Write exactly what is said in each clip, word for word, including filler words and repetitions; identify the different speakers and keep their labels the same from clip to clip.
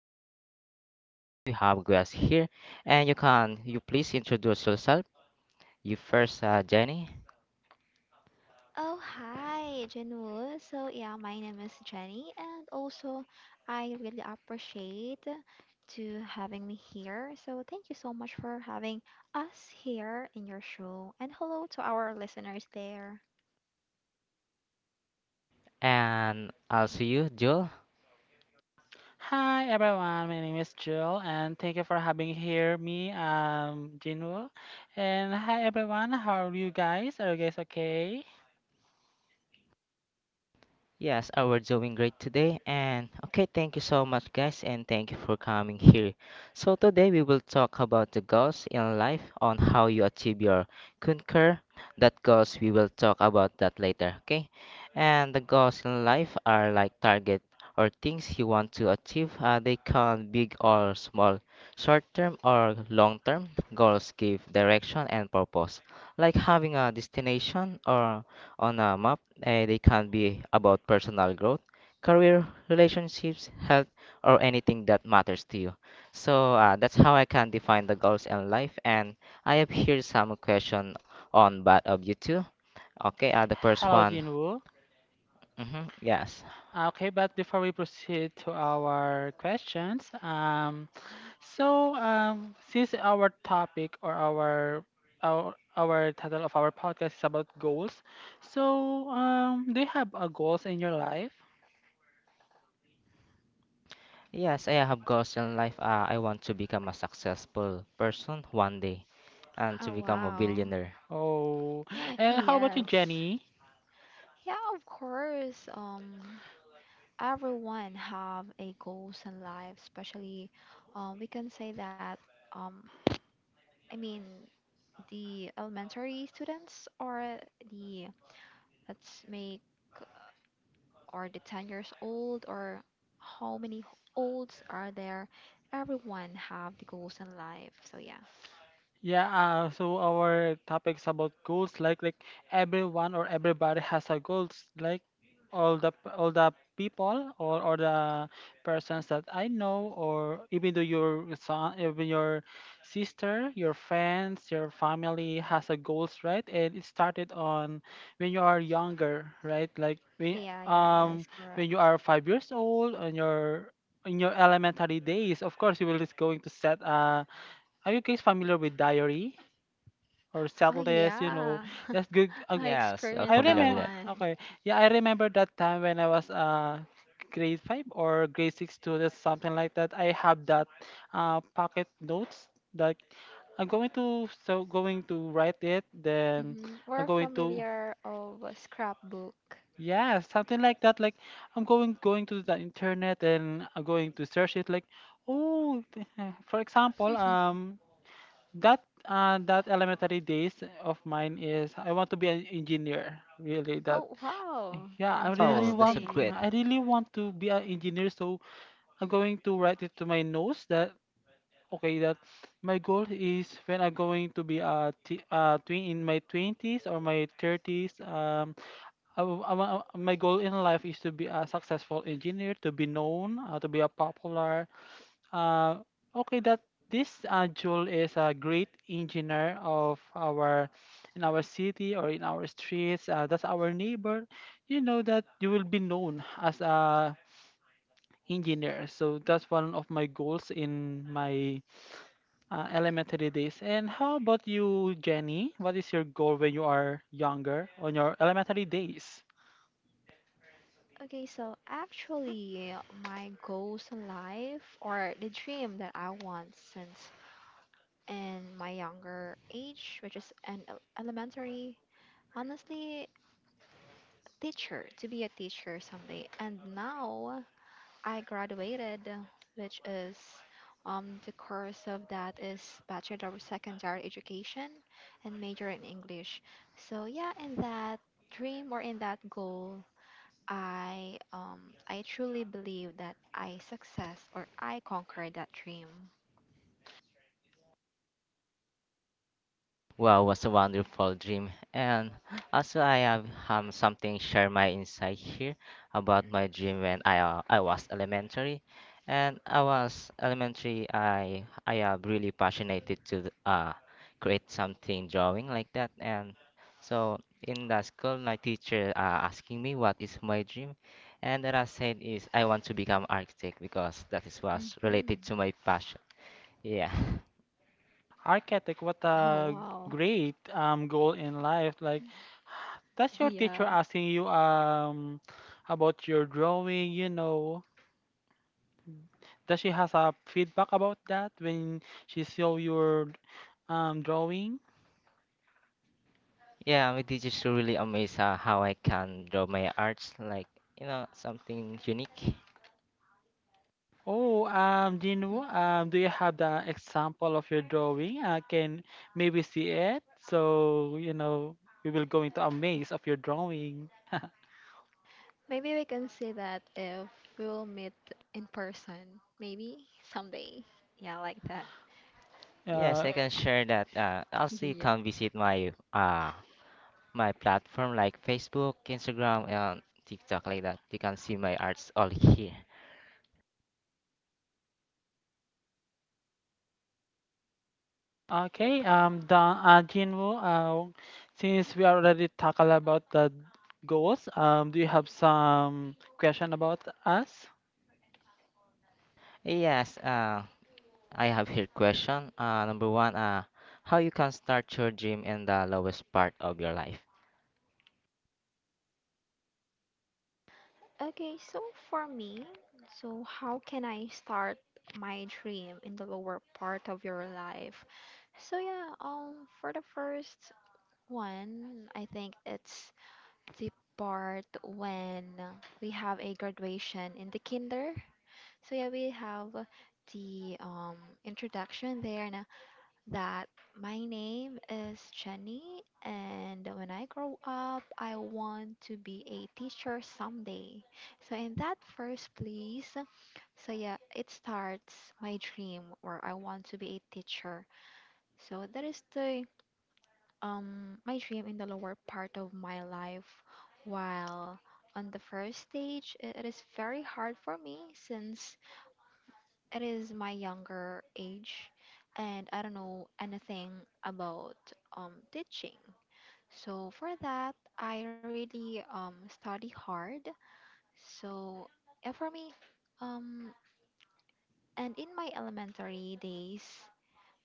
Speaker 1: our listener. And today we have guests here. And you can you please introduce yourself. You first, uh, Jenny,
Speaker 2: Oh, hi, Janul. So, yeah, my name is Jenny, and also I really appreciate to having me here. So, thank you so much for having us here in your show, and hello to our listeners there.
Speaker 1: and also you, Jill.
Speaker 3: Hi everyone, my name is Jill and thank you for having here me, um Jinwoo. And hi everyone, how are you guys? Are you guys okay?
Speaker 1: Yes, uh, we're doing great today. And okay, thank you so much, guys, and thank you for coming here. So, today we will talk about the goals in life on how you achieve your concur. That goals we will talk about that later, okay? And the goals in life are like target or things you want to achieve. Uh, they can big or small, short term or long term. Goals give direction and purpose, like having a destination or on a map, and it can be about personal growth, career, relationships, health, or anything that matters to you. So uh, that's how I can define the goals in life. And I have here some question on both of you two. Okay, uh, the first
Speaker 3: Hello
Speaker 1: one.
Speaker 3: Jinwoo.
Speaker 1: Mm-hmm, yes.
Speaker 3: Okay, but before we proceed to our questions, um so um since our topic or our our our title of our podcast is about goals. So um do you have a goals in your life?
Speaker 1: Yes, I have goals in life. Uh, I want to become a successful person one day and to
Speaker 2: Oh,
Speaker 1: become a
Speaker 2: wow.
Speaker 1: billionaire.
Speaker 3: Oh and how about you,
Speaker 2: Yes.
Speaker 3: Jenny?
Speaker 2: Yeah, of course. Um, everyone have a goals in life, especially um, we can say that um, I mean the elementary students or the Let's make are they ten years old or how many h- olds are there? Everyone have the goals in life. So yeah.
Speaker 3: Yeah, uh, so our topics about goals, like like everyone or everybody has a goals, like all the p- all the people or or the persons that I know, or even though your son, even your sister, your friends, your family has a goals, right? And it started on when you are younger, right? Like when
Speaker 2: Yeah, yeah, that
Speaker 3: um
Speaker 2: is
Speaker 3: when
Speaker 2: correct.
Speaker 3: you are five years old and your in your elementary days, of course, you will is going to set a. Are you guys familiar with diary? Or
Speaker 2: Oh
Speaker 3: settlers, you know.
Speaker 2: yeah.
Speaker 3: Yes, good. Uh,
Speaker 2: I
Speaker 1: Yes, you're
Speaker 3: I
Speaker 2: experienced that
Speaker 1: familiar with
Speaker 3: remember.
Speaker 1: that.
Speaker 2: one.
Speaker 3: Okay, yeah, I remember that time when I was uh grade five or grade six students, something like that. I have that uh pocket notes that I'm going to so going to write it. Then
Speaker 2: Hmm
Speaker 3: I'm
Speaker 2: We're
Speaker 3: going to
Speaker 2: familiar of a scrapbook.
Speaker 3: yeah something like that. Like I'm going going to the internet and I'm going to search it. Like oh, th- uh, for example, um that uh, that elementary days of mine is I want to be an engineer. Really, that
Speaker 2: Oh wow.
Speaker 3: yeah, I really
Speaker 1: Oh, that's a
Speaker 3: want
Speaker 1: great.
Speaker 2: Interesting.
Speaker 3: I really want to be an engineer. So I'm going to write it to my nose that okay that my goal is when I'm going to be a t- uh, twin in my twenties or my thirties. Um, I, w- I wa- my goal in life is to be a successful engineer, to be known, uh, to be a popular. Uh, okay, that this uh, Jule is a great engineer of our in our city or in our streets. Uh, that's our neighbor. You know that you will be known as a engineer. So that's one of my goals in my uh, elementary days. And how about you, Jenny? What is your goal when you are younger on your elementary days?
Speaker 2: Okay, so actually my goals in life or the dream that I want since in my younger age, which is an el- elementary. Honestly, teacher to be a teacher someday. And now I graduated, which is um, the course of that is Bachelor of Secondary Education and major in English. So yeah, in that dream or in that goal, I um, I truly believe that I success or I conquered that dream.
Speaker 1: Wow, was a wonderful dream. And also, I have um, something share my insight here about my dream when I uh, I was elementary, and I was elementary. I I am really passionate to th- uh create something drawing like that, and so in the school, my teacher uh, asking me what is my dream, and that I said is I want to become architect because that is
Speaker 2: Hmm
Speaker 1: was related to my passion. Yeah.
Speaker 3: Architect, what
Speaker 2: Oh
Speaker 3: a
Speaker 2: wow,
Speaker 3: great um, goal in life. Like that's your teacher
Speaker 2: yeah.
Speaker 3: asking you um about your drawing, you know. Does she has a feedback about that when she saw your um drawing?
Speaker 1: Yeah, I'm just really amazed how, how I can draw my arts, like, you know, something unique.
Speaker 3: Oh, um, Jinu, um, do you have the example of your drawing? I can maybe see it. So, you know, we will go into a maze of your drawing.
Speaker 2: Maybe we can see that if we'll meet in person. Maybe someday. Yeah, like that.
Speaker 1: Yes,
Speaker 3: Uh,
Speaker 1: I can share that. Uh, also, you
Speaker 2: yeah.
Speaker 1: can visit my uh my platform like Facebook, Instagram, and TikTok like that. You can see my arts all here.
Speaker 3: okay, um, Dan, uh, Jinwoo, uh, since we already talked about the goals, um, do you have some question about us?
Speaker 1: Yes, uh, I have here question. Uh, number one, uh, how you can start your dream in the lowest part of your life?
Speaker 2: Okay, so for me, so how can I start my dream in the lower part of your life? So yeah, um for the first one, I think it's the part when we have a graduation in the kinder. So yeah, we have the um introduction there and that my name is Jenny, and when I grow up, I want to be a teacher someday. So, in that first place, so yeah, it starts my dream where I want to be a teacher. So, that is the um my dream in the lower part of my life. While on the first stage, i- it is very hard for me since it is my younger age and I don't know anything about um, teaching. So for that, I really um, study hard. So yeah, for me, um, and in my elementary days,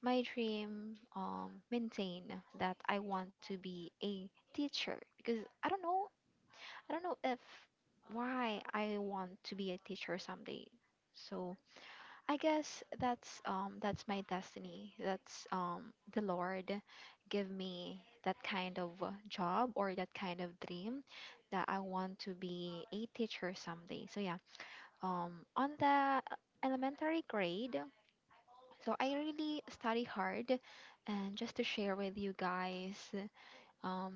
Speaker 2: my dream um, maintain that I want to be a teacher because I don't know, I don't know if why I want to be a teacher someday. So I guess that's um that's my destiny. That's um the Lord give me that kind of uh, job or that kind of dream that I want to be a teacher someday. So yeah, um on the elementary grade, so I really study hard and just to share with you guys um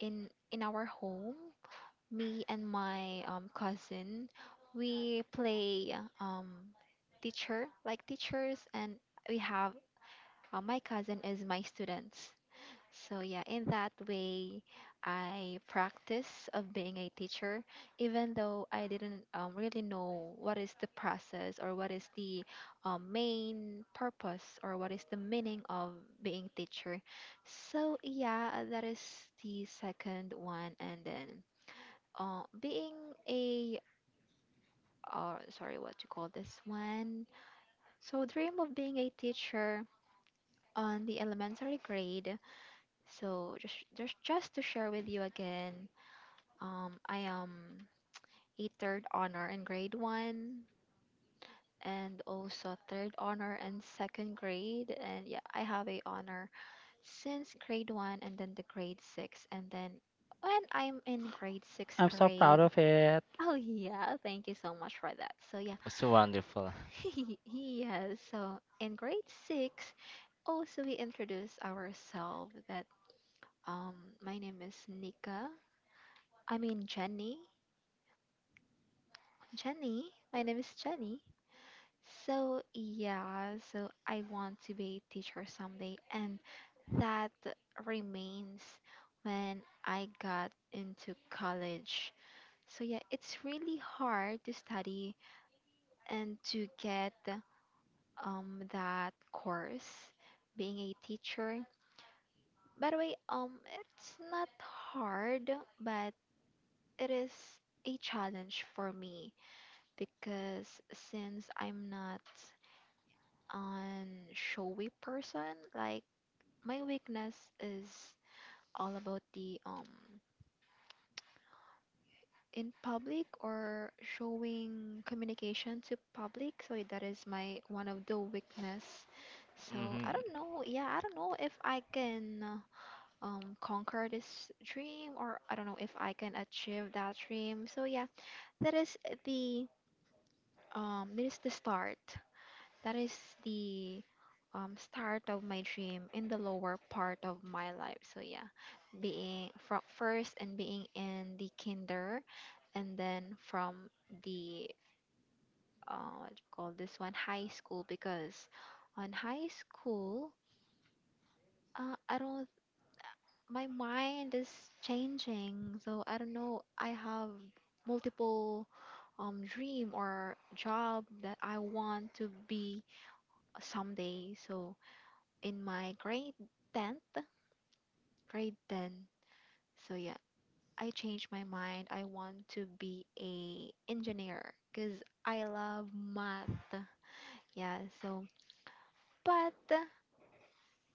Speaker 2: in in our home me and my um, cousin we play um, teacher like teachers and we have uh, my cousin is my students so yeah in that way I practice of being a teacher even though I didn't um, really know what is the process or what is the um, main purpose or what is the meaning of being teacher so yeah that is the second one and then uh, being a uh, sorry what you call this one so dream of being a teacher on the elementary grade so just just, just to share with you again um, I am a third honor in grade one and also third honor in second grade and yeah I have a honor since grade one and then the grade six and then when I'm in grade six
Speaker 3: I'm so proud
Speaker 2: grade
Speaker 3: of it.
Speaker 2: oh yeah thank you so much for that so yeah
Speaker 1: So wonderful.
Speaker 2: yes. So in grade six, also we introduce ourselves that um my name is Nika. I mean Jenny. Jenny. My name is Jenny. So yeah, so I want to be a teacher someday and that remains when I got into college. So yeah, it's really hard to study and to get um that course being a teacher. By the way, um, it's not hard, but it is a challenge for me because since I'm not an showy person, like my weakness is all about the um in public or showing communication to public. So that is my one of the weakness. So
Speaker 1: Hmm.
Speaker 2: I don't know. Yeah, I don't know if I can um conquer this dream or I don't know if I can achieve that dream. So yeah, that is the um that is the start. That is the um start of my dream in the lower part of my life. So yeah, being from first and being in the kinder and then from the uh what do you call this one high school because on high school uh, i don't my mind is changing so I don't know I have multiple um dream or job that I want to be someday so in my grade tenth grade ten so yeah I changed my mind I want to be a engineer because I love math yeah so but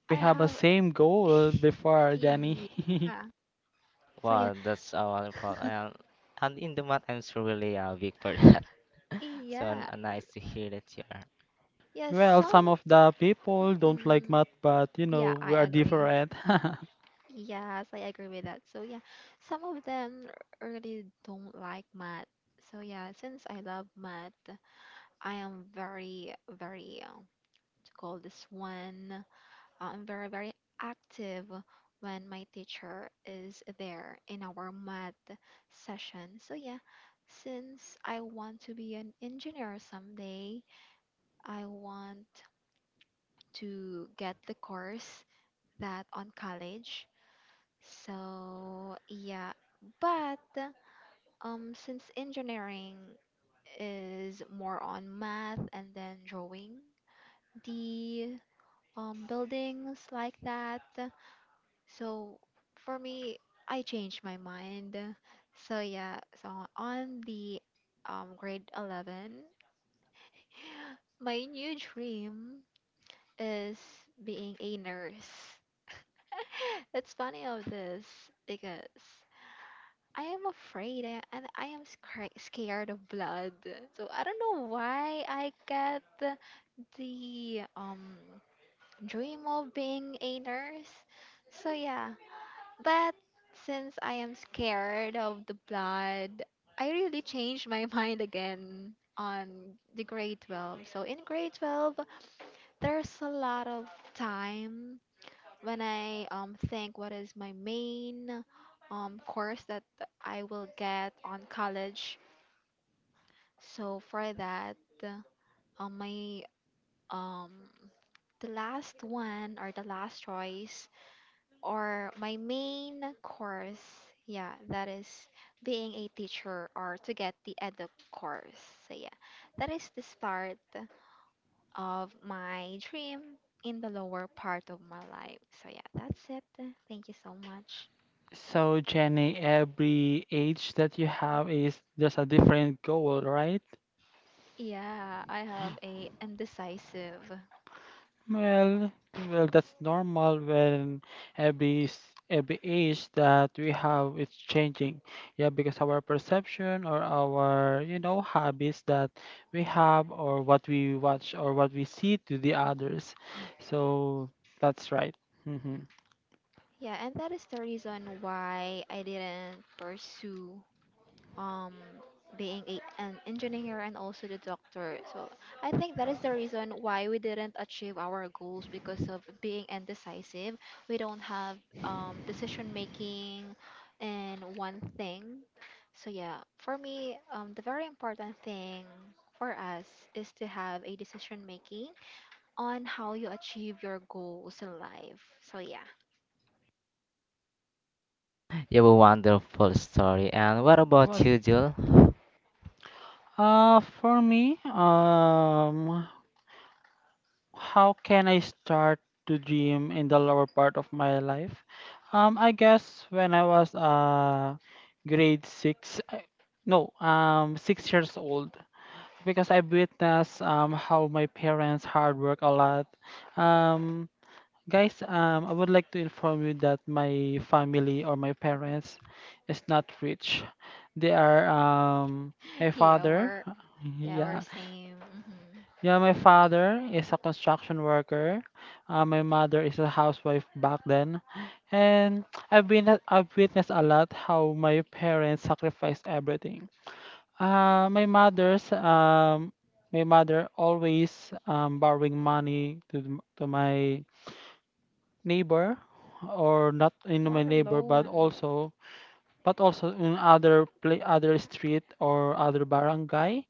Speaker 3: We
Speaker 2: I
Speaker 3: have a
Speaker 2: have
Speaker 3: same goal before, Jenny.
Speaker 2: yeah so yeah
Speaker 1: Wow, that's uh, wonderful. And and in the math, I'm so really uh, weak for that. So n-
Speaker 2: yeah.
Speaker 1: nice to hear that you're
Speaker 2: Yeah.
Speaker 3: Well,
Speaker 2: Some
Speaker 3: some of the people don't like
Speaker 2: mhm.
Speaker 3: math, but you
Speaker 2: Yeah,
Speaker 3: know,
Speaker 2: I
Speaker 3: we are
Speaker 2: agree.
Speaker 3: different.
Speaker 2: Yes, I agree with that. So yeah, some of them really don't like math. So yeah, since I love math, I am very, very uh, to call this one. I'm very, very active when my teacher is there in our math session. So yeah, since I want to be an engineer someday, I want to get the course that on college. So, yeah, but um since engineering is more on math and then drawing the um buildings like that, so for me I changed my mind. So, yeah, so on the um grade eleven, my new dream is being a nurse. It's funny of this because I am afraid I, and I am scra- scared of blood. So I don't know why I get the um dream of being a nurse. So yeah, but since I am scared of the blood, I really changed my mind again on the grade twelve. So in grade twelve, there's a lot of time when I um think what is my main um course that I will get on college. So for that, um my um the last one or the last choice or my main course, yeah, that is being a teacher or to get the edu course. So yeah, that is the start of my dream in the lower part of my life. So yeah, that's it. Thank you so much.
Speaker 3: So, Jenny, every age that you have is there's a different goal, right?
Speaker 2: Yeah, I have a indecisive.
Speaker 3: Well, well, that's normal when every s- every age that we have is changing. Yeah, because our perception or our, you know, habits that we have or what we watch or what we see to the others. So that's right. Mm-hmm.
Speaker 2: Yeah, and that is the reason why I didn't pursue um being a, an engineer and also the doctor. So I think that is the reason why we didn't achieve our goals because of being indecisive. We don't have um decision making in one thing. So yeah, for me, um, the very important thing for us is to have a decision making on how you achieve your goals in life. So yeah,
Speaker 1: you have a wonderful story. And what about
Speaker 3: Was
Speaker 1: you, Jill?
Speaker 3: uh for me, um how can I start to dream in the lower part of my life? Um, I guess when I was uh grade six, I- no, um, six years old, because I witnessed um how my parents hard work a lot. Um, guys, um, I would like to inform you that my family or my parents is not rich. They are um my
Speaker 2: yeah,
Speaker 3: father.
Speaker 2: we're yeah we're
Speaker 3: Yeah,
Speaker 2: same. Hmm
Speaker 3: yeah, my father is a construction worker. Uh, my mother is a housewife back then, and I've been I've witnessed a lot how my parents sacrificed everything. Uh, my mother's um, my mother always um, borrowing money to the- to my neighbor, or not in my
Speaker 2: We're
Speaker 3: neighbor, but
Speaker 2: alone.
Speaker 3: also but also in other play other street or other barangay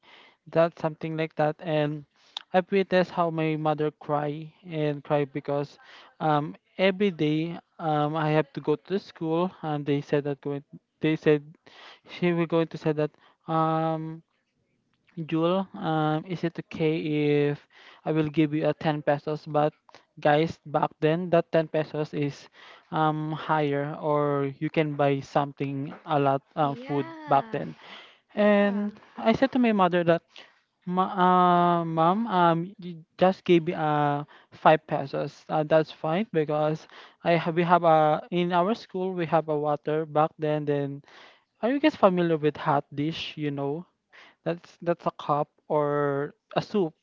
Speaker 3: that something like that, and I've witnessed how my mother cry and cry because um every day um I have to go to the school, and they said that going they said she will going to say that um Jule, um, is it okay if I will give you a ten pesos? But guys, back then that ten pesos is um, higher, or you can buy something a lot um, food back
Speaker 2: Yeah,
Speaker 3: then.
Speaker 2: yeah,
Speaker 3: And I said to my mother that, Ma uh, mom, um, you just gave me uh five pesos. Uh, that's fine because I have we have a in our school we have a water back then. Then are you guys familiar with hot dish? You know, that's that's a cup or a soup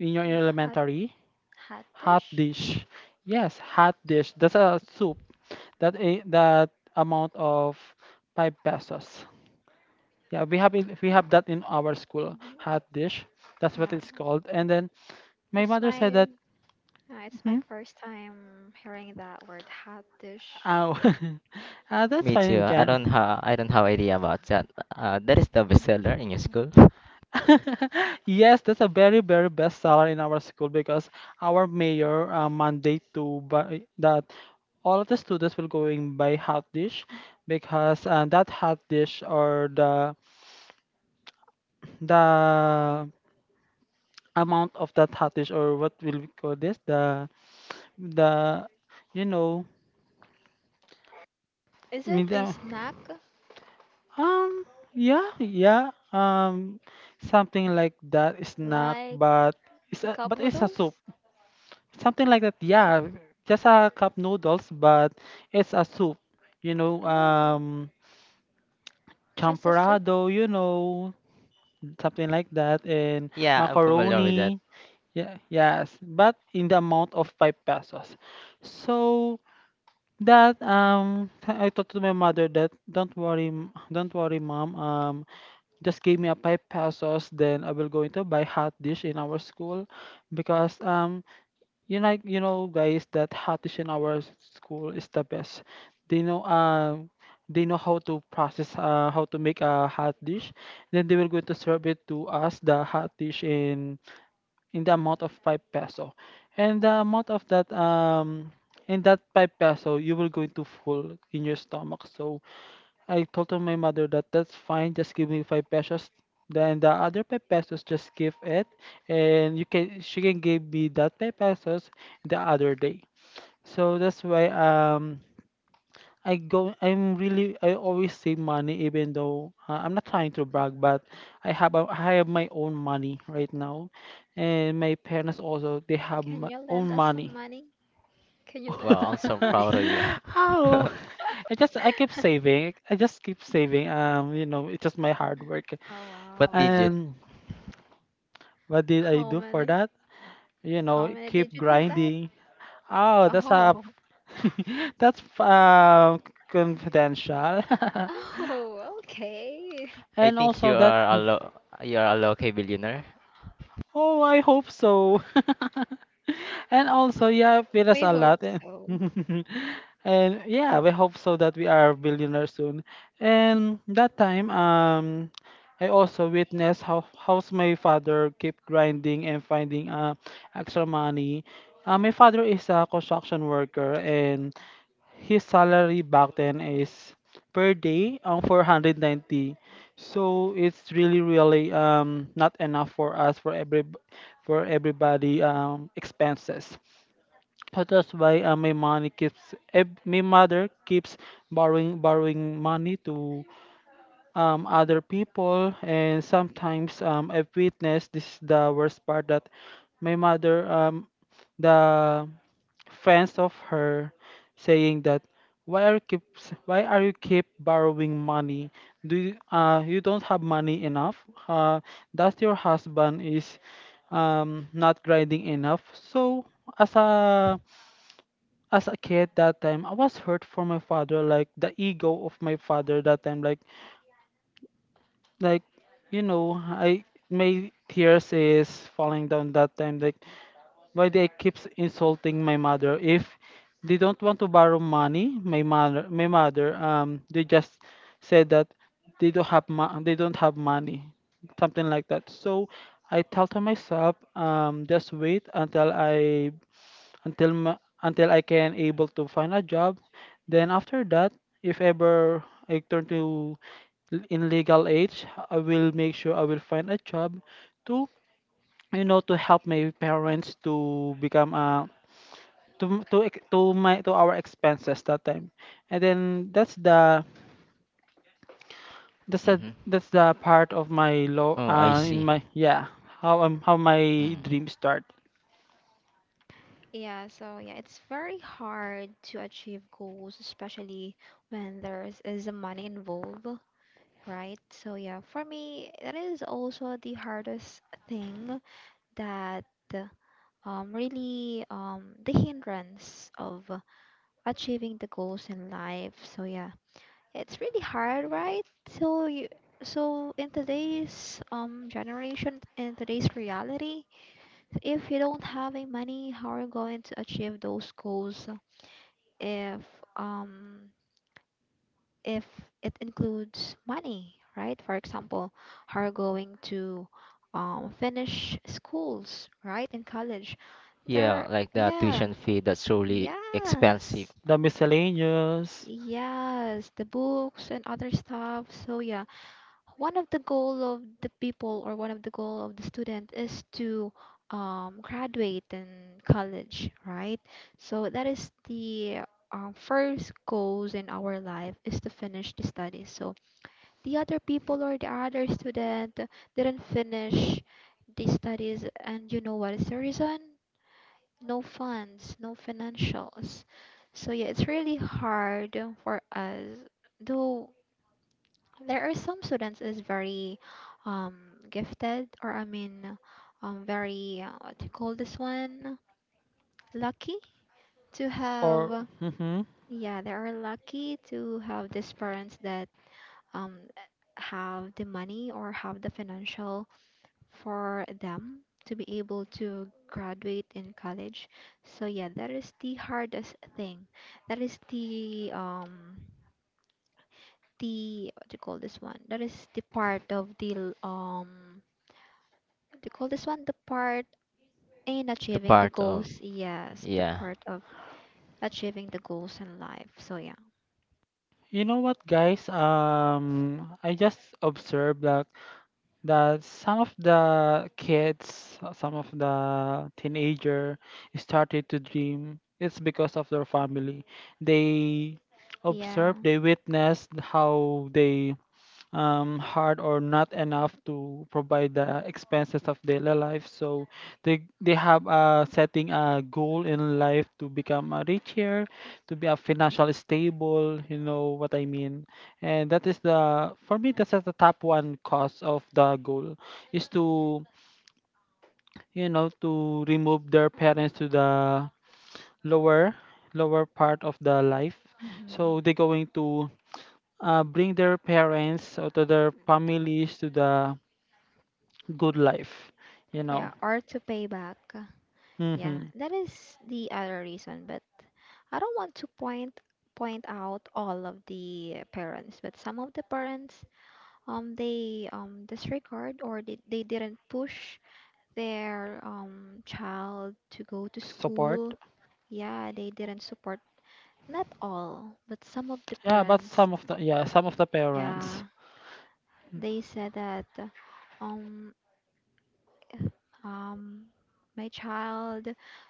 Speaker 3: in your
Speaker 2: and hot
Speaker 3: elementary
Speaker 2: hot
Speaker 3: hot
Speaker 2: dish.
Speaker 3: dish. Yes, hot dish. That's a soup. That a that amount of five pesos. Yeah, we have it, we have that in our school. Hot
Speaker 2: Hmm
Speaker 3: dish. That's what
Speaker 2: Yeah,
Speaker 3: it's called. And then my
Speaker 2: it's
Speaker 3: mother said
Speaker 2: my
Speaker 3: that.
Speaker 2: uh, it's my
Speaker 3: Hmm,
Speaker 2: first time hearing that word hot dish.
Speaker 3: ow, uh, that's
Speaker 1: Me
Speaker 3: fine,
Speaker 1: too. I
Speaker 3: Jan.
Speaker 1: don't have I don't have idea about that. Uh, that is the bestseller in your school.
Speaker 3: Yes, that's a very, very best seller in our school because our mayor uh, mandate to buy that all of the students will go in buy hot dish because uh, that hot dish or the the amount of that hot dish or what will we call this the the you know
Speaker 2: Is it
Speaker 3: need
Speaker 2: a
Speaker 3: a-
Speaker 2: snack
Speaker 3: um yeah yeah um something like that snack
Speaker 2: like
Speaker 3: but it's
Speaker 2: the
Speaker 3: a,
Speaker 2: cup
Speaker 3: but it's a soup
Speaker 2: noodles?
Speaker 3: something like that. Yeah, just a cup noodles, but it's a soup. You know,
Speaker 2: Oh,
Speaker 3: um,
Speaker 2: just a soup.
Speaker 3: champorado. You know, something like that, and
Speaker 1: Yeah, I'm familiar with that.
Speaker 3: macaroni. Yeah, yes, but in the amount of five pesos. So that um, I told to my mother that don't worry, m- don't worry, mom. Um, just give me a five pesos, then I will going to buy hot dish in our school, because um you like you know, guys, that Hatish in our s- school is the best. They know, um, they know how to process, uh, how to make a hot dish. Then they will going to serve it to us the hot dish in in the amount of five peso, and the amount of that um in that five peso you will going to full in your stomach. So I told to my mother that that's fine, just give me five pesos. Then the other five pesos, just give it, and you can she can give me that five pesos the other day. So that's why um I go I'm really I always save money even though uh, I'm not trying to brag, but I have a, I have my own money right now, and my parents also they have my
Speaker 2: Can you
Speaker 3: own
Speaker 2: lend us some
Speaker 3: money.
Speaker 2: money? Can you lend
Speaker 1: Wow, I'm
Speaker 2: us
Speaker 1: so
Speaker 2: some
Speaker 1: proud of
Speaker 2: money?
Speaker 1: you.
Speaker 3: How? I just I keep saving. I just keep saving. Um, you know, it's just my hard work.
Speaker 2: Oh
Speaker 1: What
Speaker 2: wow.
Speaker 1: digit?
Speaker 3: And what did I
Speaker 2: How
Speaker 3: do for
Speaker 2: many?
Speaker 3: that? You
Speaker 2: How
Speaker 3: know,
Speaker 2: many
Speaker 3: keep
Speaker 2: digits is that?
Speaker 3: grinding. Oh, that's a
Speaker 2: Oh,
Speaker 3: that's um confidential.
Speaker 2: oh, okay.
Speaker 1: I
Speaker 3: And
Speaker 1: think
Speaker 3: also
Speaker 1: you
Speaker 3: that.
Speaker 1: are a lo, you are a local billionaire.
Speaker 3: Oh, I hope so. And also, yeah, feed us
Speaker 2: We
Speaker 3: a
Speaker 2: hope
Speaker 3: lot. Eh.
Speaker 2: so.
Speaker 3: And yeah, we hope so that we are billionaires soon. And that time, um, I also witnessed how how's my father keep grinding and finding uh extra money. Uh, my father is a construction worker and his salary back then is per day um four hundred ninety, so it's really really um not enough for us for every for everybody um expenses. So that's why uh, my money keeps ev- my mother keeps borrowing borrowing money to um other people, and sometimes um I've witnessed this is the worst part that my mother um the fans of her saying that why are you keep why are you keep borrowing money. Do you, uh you don't have money enough uh that your husband is um not grinding enough. So as a as a kid that time I was hurt for my father, like the ego of my father that time, like like you know I my tears is falling down that time, like why they keeps insulting my mother if they don't want to borrow money. My mother, my mother um they just said that they don't have mo- they don't have money, something like that. So I tell to myself um just wait until i until ma- until I can able to find a job. Then after that, if ever I turn to l- in legal age, I will make sure I will find a job to you know to help my parents, to become uh to to ex- to my to our expenses that time. And then that's the that's the
Speaker 1: Mm-hmm.
Speaker 3: that's the part of my low
Speaker 1: Oh, I
Speaker 3: uh
Speaker 1: see.
Speaker 3: in my yeah how um how my
Speaker 1: Mm.
Speaker 3: dream start.
Speaker 2: Yeah, so yeah, it's very hard to achieve goals, especially when there's is the money involved, right? So yeah, for me, that is also the hardest thing that um really um the hindrance of achieving the goals in life. So yeah, it's really hard, right? So you, so in today's um generation, in today's reality, if you don't have any money, how are you going to achieve those goals? If um if it includes money, right? For example, how are you going to um finish schools, right? In college,
Speaker 1: Yeah,
Speaker 2: there,
Speaker 1: like the
Speaker 2: yeah.
Speaker 1: tuition fee that's really expensive.
Speaker 2: Yes.
Speaker 3: The miscellaneous
Speaker 2: Yes, the books and other stuff. So yeah, one of the goal of the people or one of the goal of the student is to um, graduate in college right so that is the um, first goals in our life is to finish the studies so the other people or the other student didn't finish the studies and you know what is the reason no funds no financials so yeah it's really hard for us though there are some students is very um gifted or I mean um very uh, what do you call this one lucky to
Speaker 3: or
Speaker 2: have
Speaker 3: hmm.
Speaker 2: yeah they are lucky to have these parents that um have the money or have the financial for them to be able to graduate in college so yeah that is the hardest thing that is the um the what do you call this one that is the part of the l- um do you call this one? The part in
Speaker 1: The
Speaker 2: achieving the
Speaker 1: part of,
Speaker 2: goals. Yes, the
Speaker 1: yeah.
Speaker 2: part of achieving the goals in life. So yeah,
Speaker 3: You know what guys, um I just observed that that some of the kids, uh, some of the teenager started to dream. It's because of their family. They
Speaker 2: yeah,
Speaker 3: observe, they witnessed how they um, hard or not enough to provide the expenses of daily life. So they they have uh, setting a goal in life to become a richer, to be a financially stable. You know what I mean. And that is the for me that's the top one cause of the goal is to you know to remove their parents to the lower lower part of the life. So
Speaker 2: hmm
Speaker 3: they're going to uh, bring their parents or to their families to the good life, you
Speaker 2: yeah.
Speaker 3: know.
Speaker 2: Or to pay back. Yeah,
Speaker 3: Hmm.
Speaker 2: that is the other reason. But I don't want to point point out all of the parents, but some of the parents. um, they um disregard, or they, they didn't push their um child to go to
Speaker 3: Support.
Speaker 2: school. Yeah, they didn't support. Not all, but some of the
Speaker 3: Yeah, but
Speaker 2: parents,
Speaker 3: some of the yeah, some of the parents,
Speaker 2: yeah, they said that, um um my child,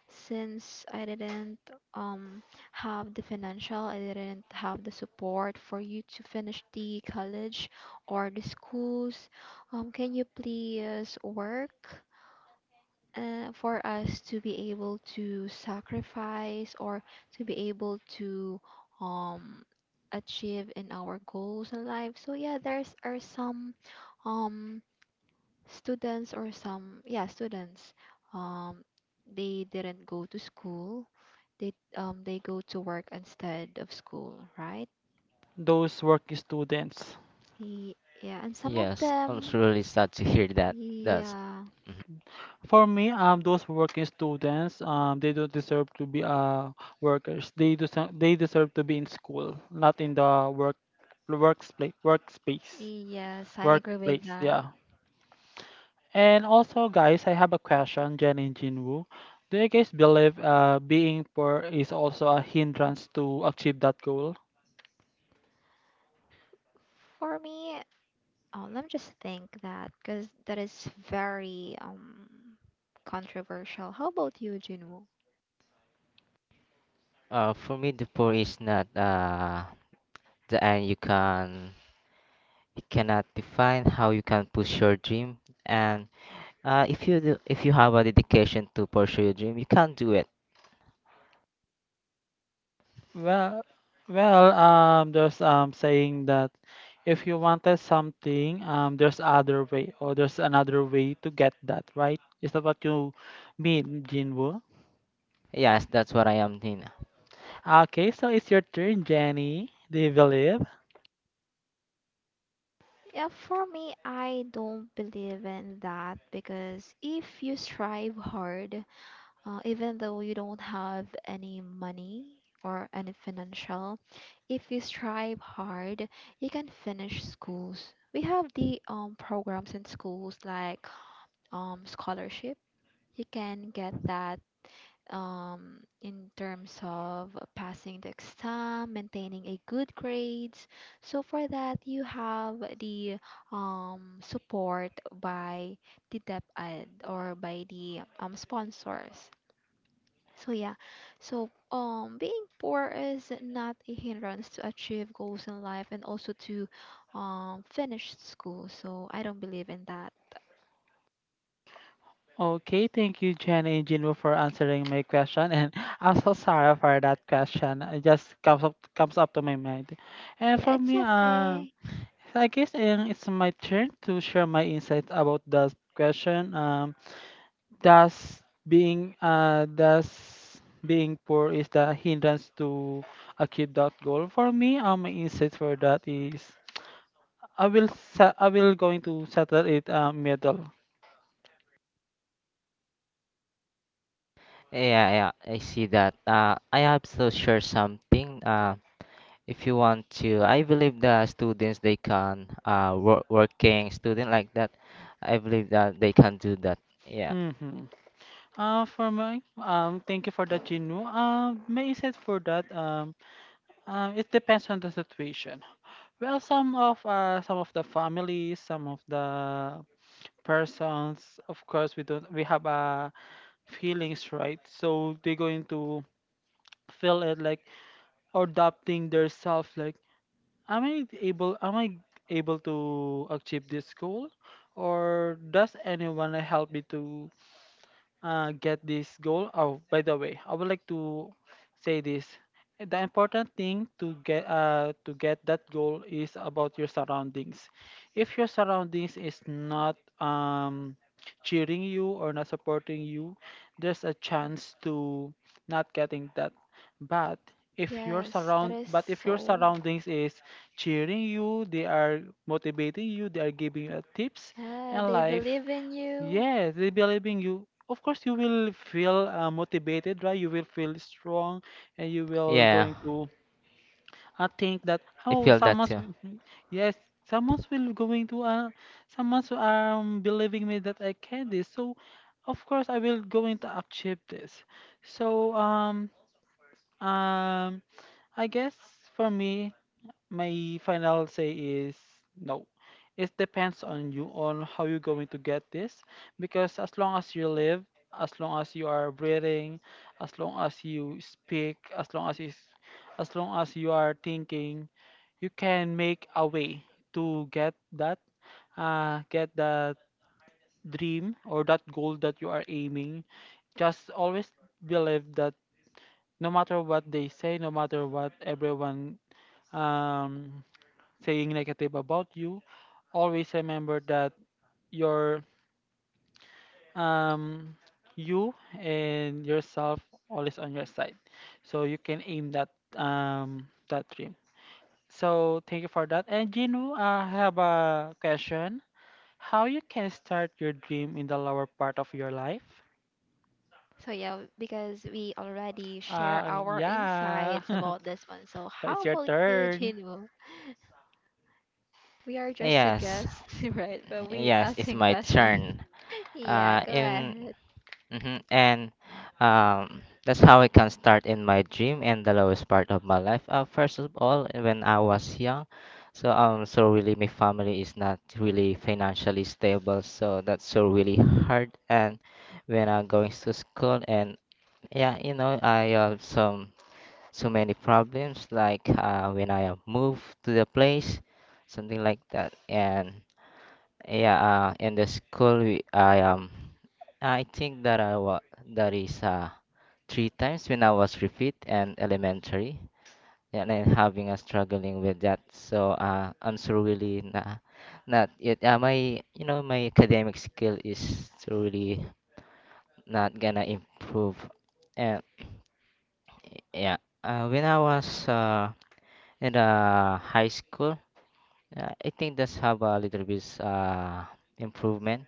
Speaker 2: since I didn't um have the financial, I didn't have the support for you to finish the college or the schools. Um, can you please work? Uh, for us to be able to sacrifice, or to be able to um achieve in our goals in life. So yeah, there's are some um students, or some, yeah, students, um they didn't go to school. They um they go to work instead of school, right?
Speaker 3: those working students.
Speaker 2: Ye- yeah, and some of
Speaker 1: Yes, I'm
Speaker 2: them.
Speaker 1: really sad to hear that. That's
Speaker 2: Yeah.
Speaker 1: mhm.
Speaker 3: For me, um, those working students, um, they don't deserve to be uh workers. They deserve they deserve to be in school, not in the work workspace workspace
Speaker 2: Yes, I agree with
Speaker 3: workplace.
Speaker 2: that.
Speaker 3: Yeah. And also, guys, I have a question, Jen and Jinwoo. Do you guys believe uh being poor is also a hindrance to achieve that goal?
Speaker 2: For me, oh, let me just think that, because that is very um controversial. How about you, Jinwoo?
Speaker 1: Uh, for me, the poor is not uh, the end. You can you cannot define how you can push your dream, and uh, if you do, if you have a dedication to pursue your dream, you can do it.
Speaker 3: Well, well, um, there's um saying that if you wanted something, um, there's other way or there's another way to get that, right? Is that what you mean, Jinwoo?
Speaker 1: Yes, that's what I am doing.
Speaker 3: Okay, so it's your turn, Jenny. Do you believe?
Speaker 2: Yeah, for me, I don't believe in that, because if you strive hard, uh, even though you don't have any money or any financial, if you strive hard, you can finish schools. We have the um programs in schools like um scholarship. You can get that, um, in terms of passing the exam, maintaining a good grades. So for that, you have the um, support by the DepEd, or by the, um, sponsors. So yeah, so um, being poor is not a hindrance to achieve goals in life, and also to um, finish school. So I don't believe in that.
Speaker 3: Okay, thank you, Jenny and Jinwoo, for answering my question. And I'm so sorry for that question. It just comes up comes up to my mind. And
Speaker 2: Yeah,
Speaker 3: for
Speaker 2: it's
Speaker 3: me, uh,
Speaker 2: okay.
Speaker 3: I guess um, it's my turn to share my insights about that question. Um. Thus, being uh, thus being poor is the hindrance to achieve that goal. For me, um, my insight for that is I will sa- I will going to settle it uh, middle.
Speaker 1: Yeah, yeah, I see that. Uh, I also share something. Uh, if you want to, I believe the students they can uh work, working student like that. I believe that they can do that. Yeah,
Speaker 3: Mm-hmm. Uh, for my um, thank you for that, Jinu. Um, my insight for that um, um, it depends on the situation. Well, some of uh, some of the families, some of the persons, of course, we don't we have uh, feelings, right? So they're going to feel it like or doubting their self like am i able am I able to achieve this goal or does anyone help me to uh, get this goal. Oh, by the way, I would like to say this. The important thing to get uh, to get that goal is about your surroundings. If your surroundings is not um, cheering you or not supporting you, there's a chance to not getting that. But if your
Speaker 2: Yes, that
Speaker 3: surround
Speaker 2: is
Speaker 3: but if your
Speaker 2: so.
Speaker 3: surroundings is cheering you, they are motivating you, they are giving you tips
Speaker 2: Yeah,
Speaker 3: and
Speaker 2: they
Speaker 3: life.
Speaker 2: believe in you.
Speaker 3: Yes, they believe in you. Of course, you will feel uh, motivated, right? You will feel strong, and you will
Speaker 1: yeah,
Speaker 3: going to uh, think that
Speaker 1: I
Speaker 3: oh,
Speaker 1: feel that
Speaker 3: someone's
Speaker 1: too.
Speaker 3: yes, someone's will going to uh, someone's um believing me that I can this. So, of course, I will going to achieve this. So um um I guess for me my final say is no. It depends on you on how you're going to get this because as long as you live, as long as you are breathing, as long as you speak, as long as you, s- as long as you are thinking, you can make a way to get that uh get that dream or that goal that you are aiming. Just always believe that no matter what they say, no matter what everyone um saying negative about you, always remember that your um you and yourself always on your side. So you can aim that um that dream. So thank you for that. And Gino, I have a question. How you can start your dream in the lower part of your life?
Speaker 2: So yeah, because we already share
Speaker 3: Uh,
Speaker 2: our
Speaker 3: yeah.
Speaker 2: insights about this one. So
Speaker 3: So it's
Speaker 2: how
Speaker 3: your
Speaker 2: about you,
Speaker 3: turn.
Speaker 2: Jinwoo? We are just a
Speaker 1: Yes.
Speaker 2: guest, right? But we
Speaker 1: Yes, it's
Speaker 2: asking
Speaker 1: my
Speaker 2: questions.
Speaker 1: turn.
Speaker 2: Yeah,
Speaker 1: Uh,
Speaker 2: go
Speaker 1: in
Speaker 2: ahead.
Speaker 1: mhm, and um, That's how I can start in my dream and the lowest part of my life. Uh, first of all, when I was young, so um, so really my family is not really financially stable, so that's so really hard. And when I'm going to school, and yeah, you know, I have some so many problems like uh, when I move to the place, something like that, and. Yeah, uh, in the school we, I um I think that I was that is uh three times when I was repeat and elementary, and then having a struggling with that. So uh I'm so really not not yet uh, my you know my academic skill is so really not gonna improve. And yeah, uh, when I was uh in the high school. Yeah, I think that's have a little bit uh improvement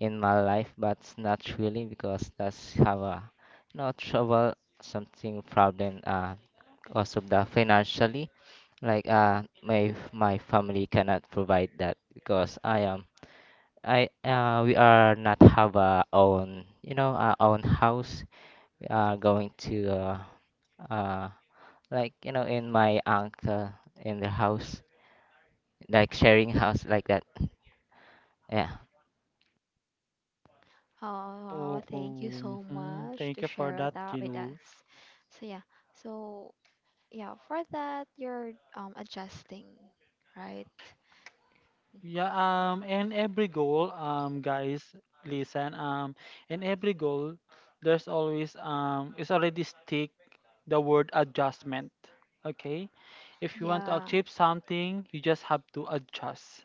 Speaker 1: in my life, but it's not really because that's have a you know trouble something problem uh also the financially like uh my my family cannot provide that because I am I uh we are not have our own you know our own house, we are going to uh, uh like you know in my uncle in the house like sharing house like that, yeah.
Speaker 2: Oh,
Speaker 3: Oh,
Speaker 2: wow, thank you
Speaker 3: cool.
Speaker 2: so
Speaker 3: Mhm.
Speaker 2: much
Speaker 3: Thank
Speaker 2: to
Speaker 3: you for
Speaker 2: share
Speaker 3: that,
Speaker 2: that with
Speaker 3: Gino.
Speaker 2: us. So yeah, so yeah, for that you're um adjusting, right?
Speaker 3: Yeah,
Speaker 2: Mm-hmm.
Speaker 3: um, and every goal, um, guys, listen, um, in every goal, there's always, um, it's already stick the word adjustment. Okay, if you want to
Speaker 2: Yeah.
Speaker 3: achieve something, you just have to adjust,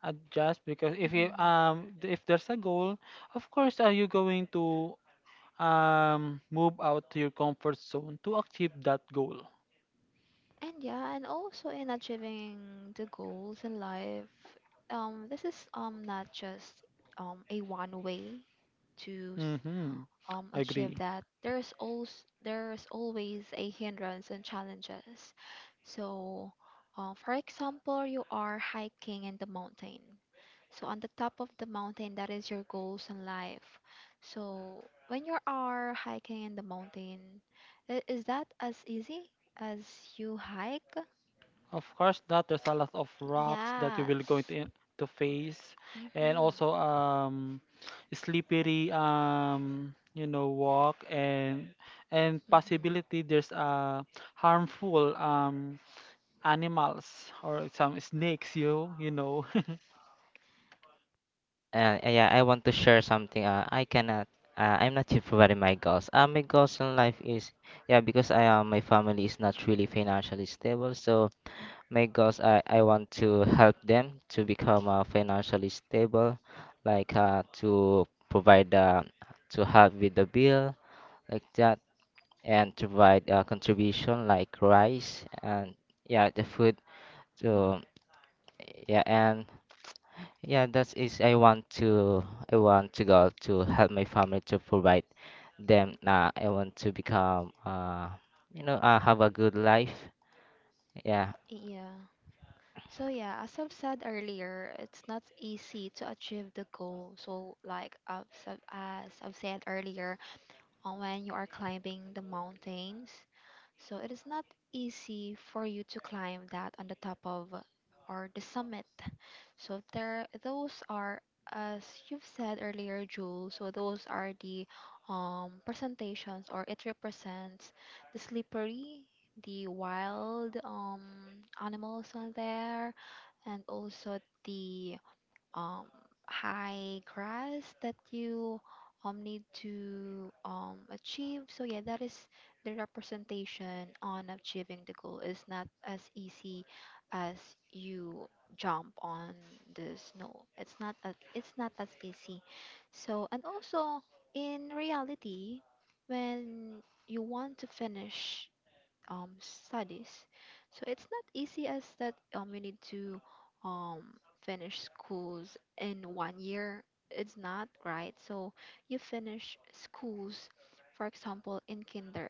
Speaker 3: adjust because if you,
Speaker 2: Mm-hmm.
Speaker 3: um, if there's a goal, of course, are you going to, um, move out to your comfort zone to achieve that goal?
Speaker 2: And yeah, and also in achieving the goals in life, um, this is um not just um a one way to,
Speaker 3: Mm-hmm.
Speaker 2: um, achieve
Speaker 3: Agree.
Speaker 2: that. There's always there's always a hindrance and challenges. So, uh, for example, you are hiking in the mountain. So on the top of the mountain, that is your goals in life. So when you are hiking in the mountain, i- is that as easy as you hike?
Speaker 3: Of course, that there's a lot of rocks that you will going
Speaker 2: Yes.
Speaker 3: to in- to face, and
Speaker 2: Mm-hmm.
Speaker 3: also um, slippery um, you know walk and and possibility there's uh harmful um animals or some snakes you you know.
Speaker 1: Uh, uh, yeah, I want to share something. Uh, I cannot. Uh, I'm not sure what are my goals. Uh, my goals in life is yeah because I uh, my family is not really financially stable. So my goals I I want to help them to become uh, financially stable, like uh, to provide uh, to help with the bill like that, and to provide uh, contribution like rice and yeah the food to yeah and yeah, that is I want to I want to go to help my family to provide them. Uh, I want to become uh you know uh, have a good life. Yeah,
Speaker 2: Yeah. So yeah, as I've said earlier, it's not easy to achieve the goal. So like I've, said- as I've said earlier, on when you are climbing the mountains, so it is not easy for you to climb that on the top of, or the summit. So there, those are, as you've said earlier, Jules. So those are the, um, presentations, or it represents the slippery, the wild um, animals on there, and also the um, high grass that you um, need to um, achieve. So yeah, that is the representation on achieving the goal. It's not as easy as you jump on the snow. It's not a, it's not as easy. So and also in reality, when you want to finish um, studies. So it's not easy as that, um, you need to um, finish schools in one year. It's not, right? So you finish schools, for example, in kinder.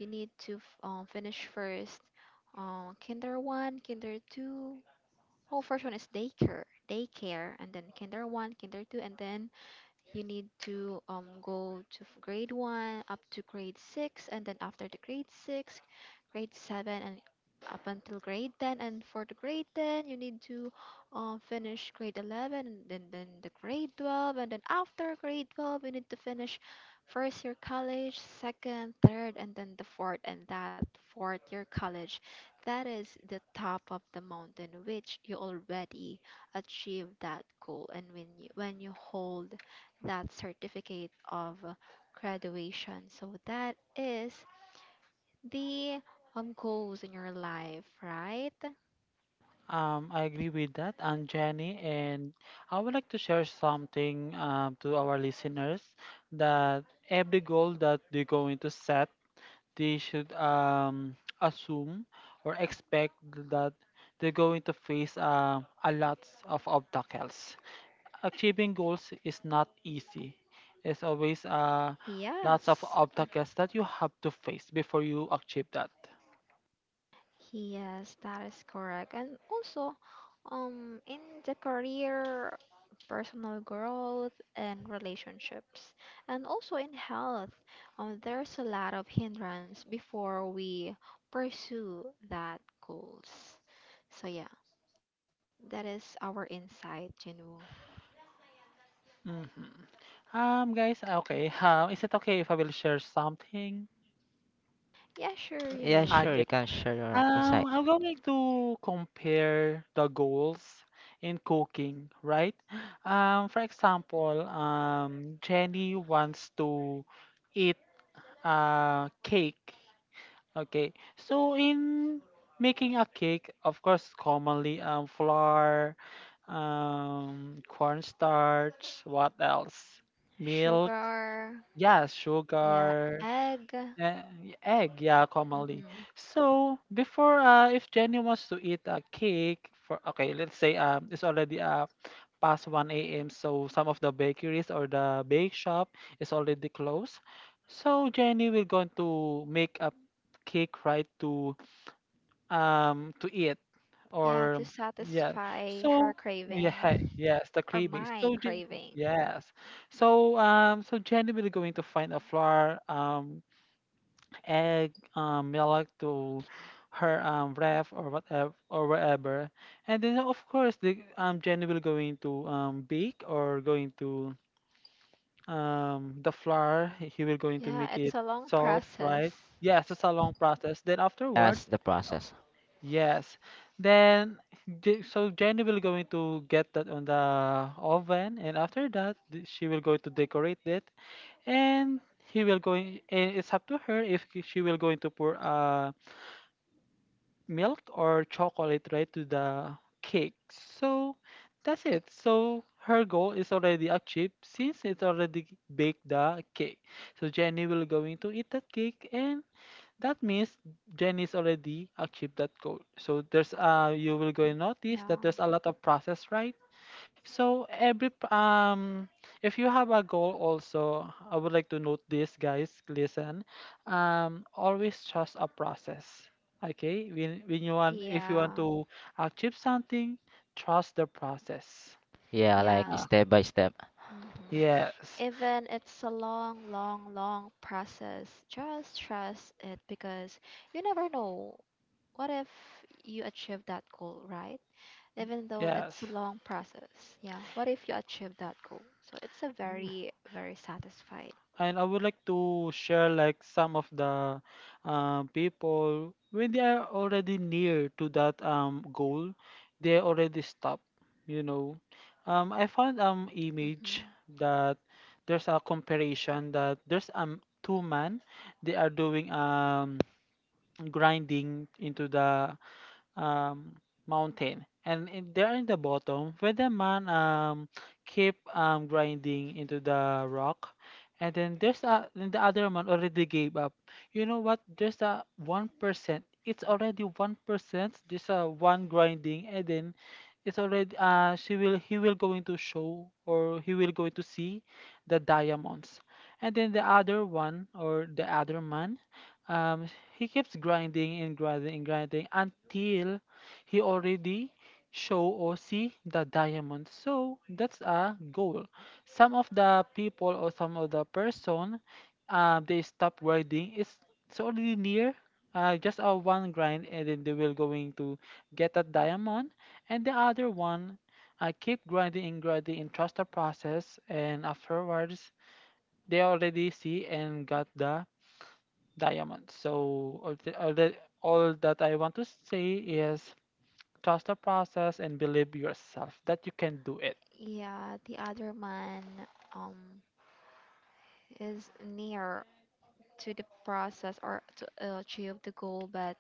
Speaker 2: You need to f- um, finish first, uh, kinder one, kinder two. Oh, first one is daycare, daycare, and then kinder one, kinder two, and then you need to, um, go to f- grade one up to grade six, and then after the grade six, grade seven, and up until grade ten. And for the grade ten, you need to, um, finish grade eleven, and then then the grade twelve, and then after grade twelve, you need to finish first year college, second, third, and then the fourth, and that fourth year college. That is the top of the mountain, which you already achieve that goal, and when you when you hold that certificate of uh, graduation. So that is the um goals in your life, right?
Speaker 3: Um, I agree with that, and Jenny, and I would like to share something uh, to our listeners that every goal that they're going to set, they should um, assume or expect that they're going to face uh, a lot of obstacles. Achieving goals is not easy. It's always uh, lots of
Speaker 2: Yes.
Speaker 3: obstacles that you have to face before you achieve that.
Speaker 2: Yes, that is correct. And also, um, in the career, personal growth, and relationships, and also in health, um, there's a lot of hindrance before we pursue that goals. So yeah, that is our insight, Jinu.
Speaker 3: Mhm. Um, guys, ah, okay. Um, is it okay if I will share something?
Speaker 2: Yeah, sure, you
Speaker 1: yeah, sure.
Speaker 2: may.
Speaker 1: You
Speaker 3: Okay.
Speaker 1: can share your insight
Speaker 3: Um, I'm going to compare the goals in cooking, right? Um, for example, um, Jenny wants to eat a cake. Okay. So in making a cake, of course, commonly um, flour, um, cornstarch, what else? Milk.
Speaker 2: Sugar,
Speaker 3: Yeah,
Speaker 2: yeah,
Speaker 3: sugar,
Speaker 2: egg.
Speaker 3: uh, egg, yeah, commonly.
Speaker 2: Hmm.
Speaker 3: So before, uh, if Jenny wants to eat a cake for, okay, let's say um, it's already uh, past one a m. So some of the bakeries or the bake shop is already closed. So Jenny will going to make a cake right to um to eat
Speaker 2: Yeah,
Speaker 3: or
Speaker 2: to
Speaker 3: yeah.
Speaker 2: satisfy her
Speaker 3: So yeah, hey,
Speaker 2: craving,
Speaker 3: yes, the
Speaker 2: or
Speaker 3: craving.
Speaker 2: my
Speaker 3: So Je-
Speaker 2: craving.
Speaker 3: yes. So um so Jenny will going to find a flour um egg, um, milk to her um ref or whatever or wherever. And then of course the um Jenny will going to um bake or going to um the flour. He will going to
Speaker 2: Yeah,
Speaker 3: make
Speaker 2: it's
Speaker 3: it
Speaker 2: a long
Speaker 3: soft, right?
Speaker 2: process.
Speaker 3: Yes, it's a long process. Then afterwards,
Speaker 1: as the process.
Speaker 3: yes. Then J- so Jenny will going to get that on the oven, and after that th- she will go to decorate it, and he will going. And it's up to her if she will going to pour a milk or chocolate right to the cake. So that's it. So her goal is already achieved since it's already baked the cake. So Jenny will going to eat that cake and that means Jenny's already achieved that goal. So there's uh you will go and notice that
Speaker 2: Yeah,
Speaker 3: there's a lot of process right so every p- um if you have a goal also, I would like to note this guys, listen. Um always trust a process. Okay? When when you want if you want
Speaker 2: yeah,
Speaker 3: to achieve something, trust the process.
Speaker 1: Yeah, like
Speaker 2: yeah.
Speaker 3: Ah,
Speaker 1: step by step.
Speaker 2: Hmm.
Speaker 3: yes.
Speaker 2: Even it's a long, long, long process. Just trust it, because you never know. What if you achieve that goal, right? Even though
Speaker 3: Yes.
Speaker 2: it's a long process. Yeah. What if you achieve that goal? So it's a very, very satisfied.
Speaker 3: And I would like to share like some of the uh, people when they are already near to that um goal, they already stop. You know, um, I found um image
Speaker 2: Hmm.
Speaker 3: that there's a comparison that there's um two men they are doing um grinding into the um, mountain. And in, there in the bottom, where the man um, keep um, grinding into the rock. And then there's a then the other man already gave up. You know what? There's a one percent. It's already one percent. There's a one grinding, and then it's already uh she will he will going to show or he will going to see the diamonds. And then the other one or the other man, um he keeps grinding and grinding and grinding until he already show or see the diamond. So that's a goal. Some of the people or some of the person, uh, they stop grinding. It's it's already near. Uh, just a one grind and then they will going to get a diamond and the other one I keep grinding and grinding and trust the process and afterwards they already see and got the diamond. So all, the, all, the, all that I want to say is trust the process and believe yourself that you can do it.
Speaker 2: Yeah. The other man, um, is near to the process, or to uh, achieve the goal, but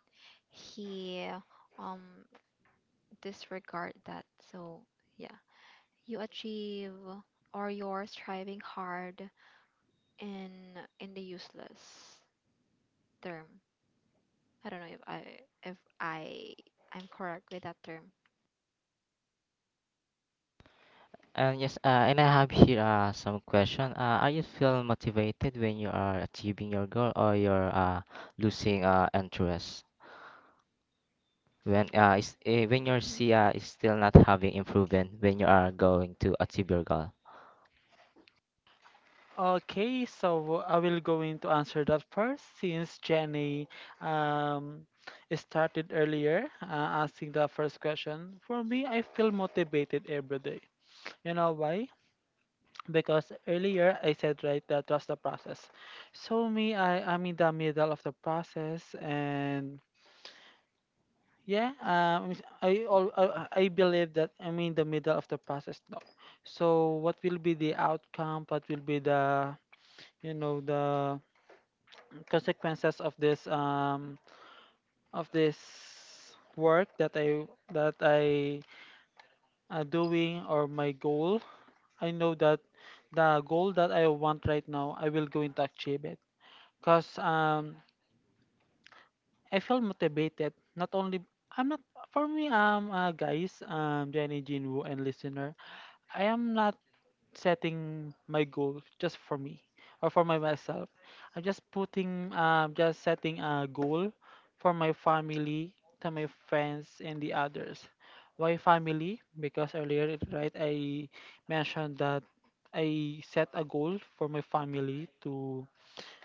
Speaker 2: he, um, disregard that. So yeah, you achieve, or you're striving hard in in the useless term. I don't know if I if I I'm correct with that term.
Speaker 1: And yes, uh, and I have here uh, some question. Uh, are you feel motivated when you are achieving your goal or you're uh, losing uh, interest? when uh, is, eh, when your
Speaker 2: Mhm.
Speaker 1: C I is still not having improvement when you are going to achieve your goal.
Speaker 3: Okay, so I will going to answer that first since Jenny um, started earlier uh, asking the first question. For me, I feel motivated every day. You know why? Because earlier I said right that trust the process. So me, I am in the middle of the process and yeah, um, I al- uh, uh, I believe that I'm in the middle of the process now. So what will be the outcome? What will be the you know the consequences of this um of this work that I that I uh, doing or my goal? I know that the goal that I want right now, I will going to achieve it. Cause um I feel motivated. Not only I'm not for me um uh, guys um Jenny Jinwoo and listener. I am not setting my goal just for me or for my myself. I'm just putting, um, just setting a goal for my family, to my friends, and the others. Why family? Because earlier, right, I mentioned that I set a goal for my family to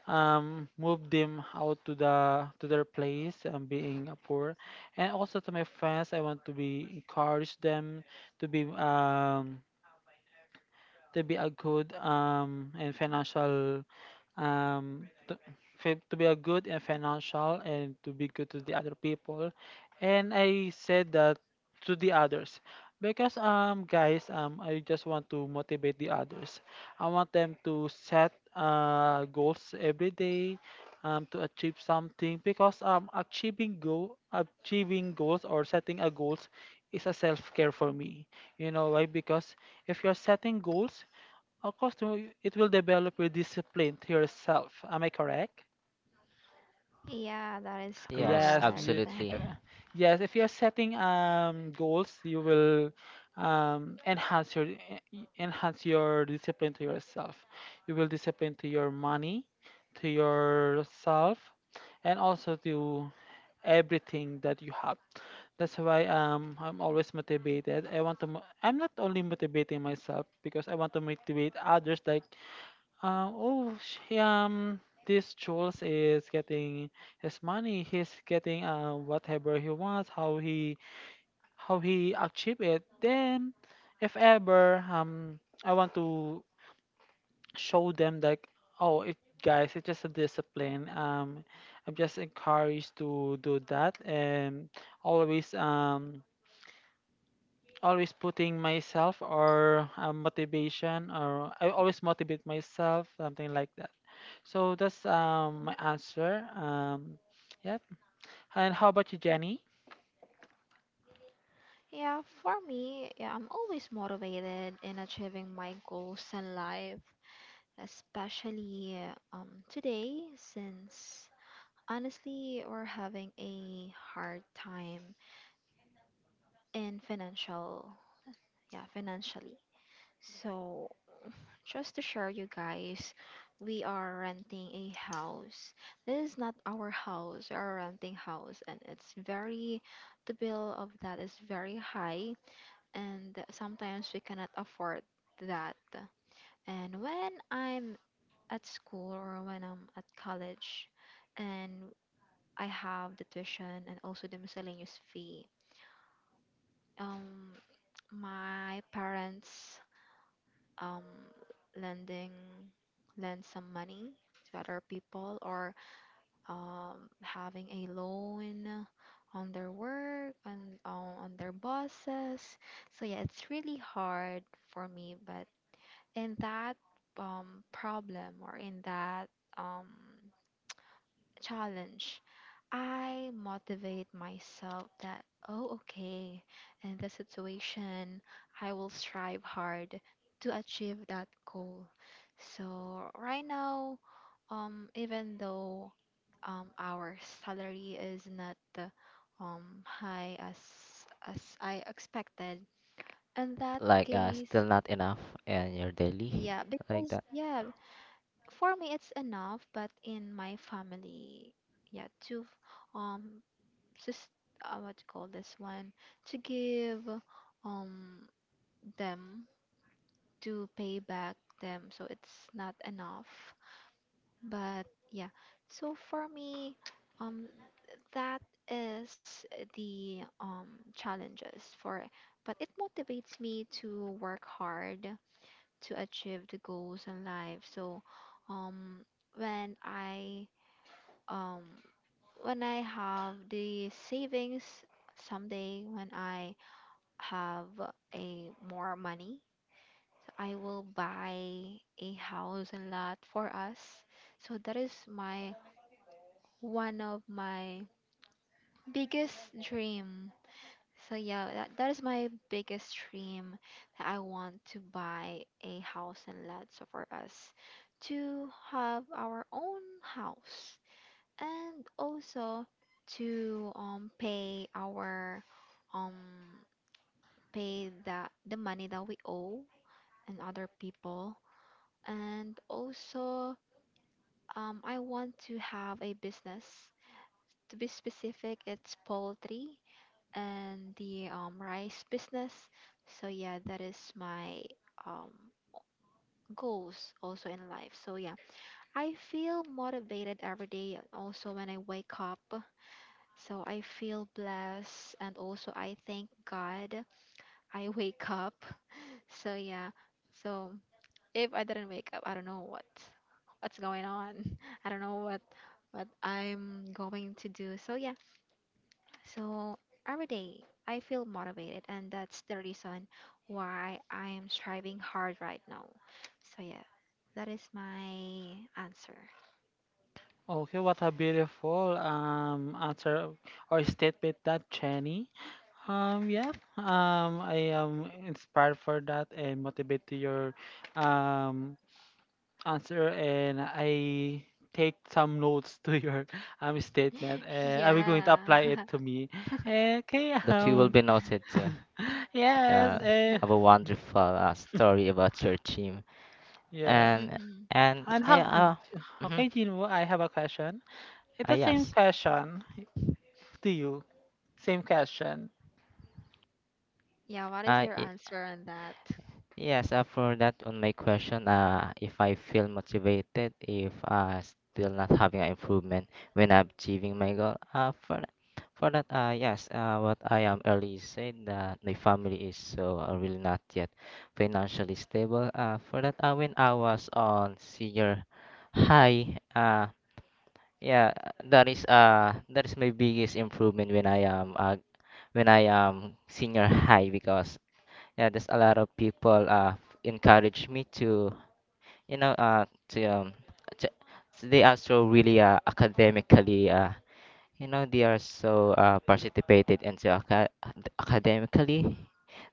Speaker 3: um, move them out to the to their place, um, being poor, and also to my friends. I want to be encourage them to be um, to be a good um and financial um to, fi- to be a good and financial and to be good to the other people, and I said that to the others because, um guys, um I just want to motivate the others. I want them to set uh goals every day um to achieve something because um achieving goal achieving goals or setting a goals is a self-care for me. You know why? Because if you're setting goals, of course, you- it will develop your discipline to yourself. Am I correct?
Speaker 2: Yeah, that is
Speaker 1: Yes,
Speaker 3: Yes. ye-
Speaker 2: correct.
Speaker 1: absolutely.
Speaker 3: uh, Yes. If you're setting um goals, you will um enhance your e- e- enhance your discipline to yourself. You will discipline to your money, to yourself, and also to everything that you have. That's why um I'm always motivated. I want to. Mo- I'm not only motivating myself because I want to motivate others, like, Um, oh, sh- yeah, um, this Jules is getting his money. He's getting uh, whatever he wants. How he how he achieve it. Then, if ever, um, I want to show them, like, oh, it guys, it's just a discipline. Um, I'm just encouraged to do that and always um always putting myself or, uh, motivation, or I always motivate myself, something like that. So that's um my answer. Um, yeah. And how about you, Jenny?
Speaker 2: Yeah, for me, yeah, I'm always motivated in achieving my goals in life, especially uh, um, today, since honestly, we're having a hard time in financial, yeah, financially. So just to share you guys, we are renting a house. This is not our house, we are renting house, and it's very the bill of that is very high, and sometimes we cannot afford that. And when I'm at school, or when I'm at college, and I have the tuition, and also the miscellaneous fee, um my parents, um, lending lend some money to other people, or um, having a loan on their work, and on, on their bosses. So yeah, it's really hard for me. But in that, um, problem, or in that, um, challenge. I motivate myself that, oh, okay, in this situation, I will strive hard to achieve that goal. So, right now, um, even though, um, our salary is not, uh, um, high as as I expected, in that
Speaker 1: Like uh,
Speaker 2: case,
Speaker 1: still not enough in your daily
Speaker 2: yeah,
Speaker 1: like
Speaker 2: because
Speaker 1: that.
Speaker 2: yeah, for me it's enough, but in my family, yeah, to um just, uh, what you call this one, to give um them, to pay back them, so it's not enough, but yeah, so for me, um that is the um challenges for it, but it motivates me to work hard to achieve the goals in life. So um when I, um when i have the savings, someday, when I have a more money, I will buy a house and lot for us. So that is my one of my biggest dream. So yeah, that, that is my biggest dream, that I want to buy a house and lot, so for us to have our own house, and also to um pay our um pay the the money that we owe and other people. And also, um, I want to have a business. To be specific, it's poultry and the um, rice business. So, yeah, that is my, um, goals also in life. So, yeah, I feel motivated every day, also when I wake up. So, I feel blessed, and also I thank God I wake up. So, yeah, so. If I didn't wake up, I don't know what what's going on. I don't know what what I'm going to do. So yeah. So every day I feel motivated, and that's the reason why I am striving hard right now. So yeah. That is my answer.
Speaker 3: Okay, what a beautiful um answer or statement that Jenny. Um, yeah. Um, I am inspired for that and motivated to your um answer, and I take some notes to your um statement, and I will going to apply
Speaker 2: Yeah.
Speaker 3: it to me. Okay.
Speaker 1: That you will be
Speaker 3: Um.
Speaker 1: noted too.
Speaker 3: yes.
Speaker 1: Yeah,
Speaker 2: Yeah.
Speaker 3: And
Speaker 1: have a wonderful uh, story about your team
Speaker 3: yes.
Speaker 1: and
Speaker 2: Hmm.
Speaker 1: and
Speaker 3: And
Speaker 1: I
Speaker 3: how?
Speaker 1: uh, mhm,
Speaker 3: Okay, Jinwoo, I have a question. It's
Speaker 1: uh
Speaker 3: the same
Speaker 1: yes.
Speaker 3: question to you. Same question.
Speaker 2: Yeah, what is
Speaker 1: Uh,
Speaker 2: your answer on that?
Speaker 1: Yes, uh, for that on my question, uh, if I feel motivated, if uh, still not having an improvement when I'm achieving my goal, uh, for that, for that, uh, yes, uh, what I am early said that my family is so uh, really not yet financially stable. Uh, for that, uh, when I was on senior high, uh, yeah, that is uh, that is my biggest improvement when I am uh, when I am senior high because yeah there's a lot of people uh encourage me to you know uh to um to, they are so really uh academically uh you know they are so uh participated into aca- academically,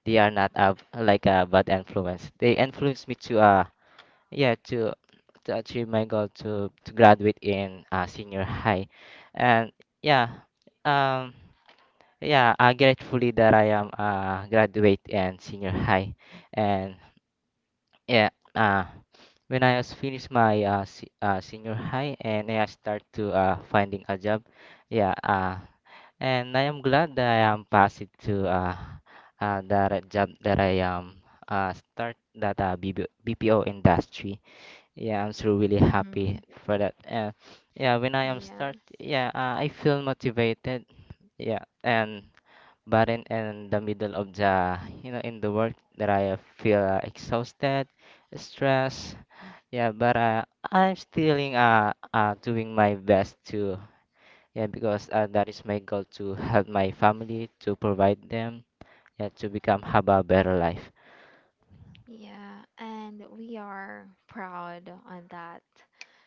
Speaker 1: they are not uh, like a bad influence, they influence me to uh yeah to to achieve my goal to to graduate in uh, senior high and yeah um yeah uh, gratefully that I am uh graduate in senior high and yeah. Uh, when I was finished my uh, se- uh senior high and I start to uh finding a job, yeah. Uh, and I am glad that I am passed to uh, uh that uh, job that I um uh start that uh BB B P O industry. Yeah, I'm so really happy
Speaker 2: Mm-hmm.
Speaker 1: for that. Uh, yeah, when I am
Speaker 2: Yes.
Speaker 1: start, yeah, uh, I feel motivated. Yeah, and but in, in the middle of the you know in the work that I feel uh, exhausted, stressed. Yeah, but uh, I'm still uh, uh doing my best to yeah because uh, that is my goal to help my family to provide them yeah to become have a better life.
Speaker 2: Yeah, and we are proud on that.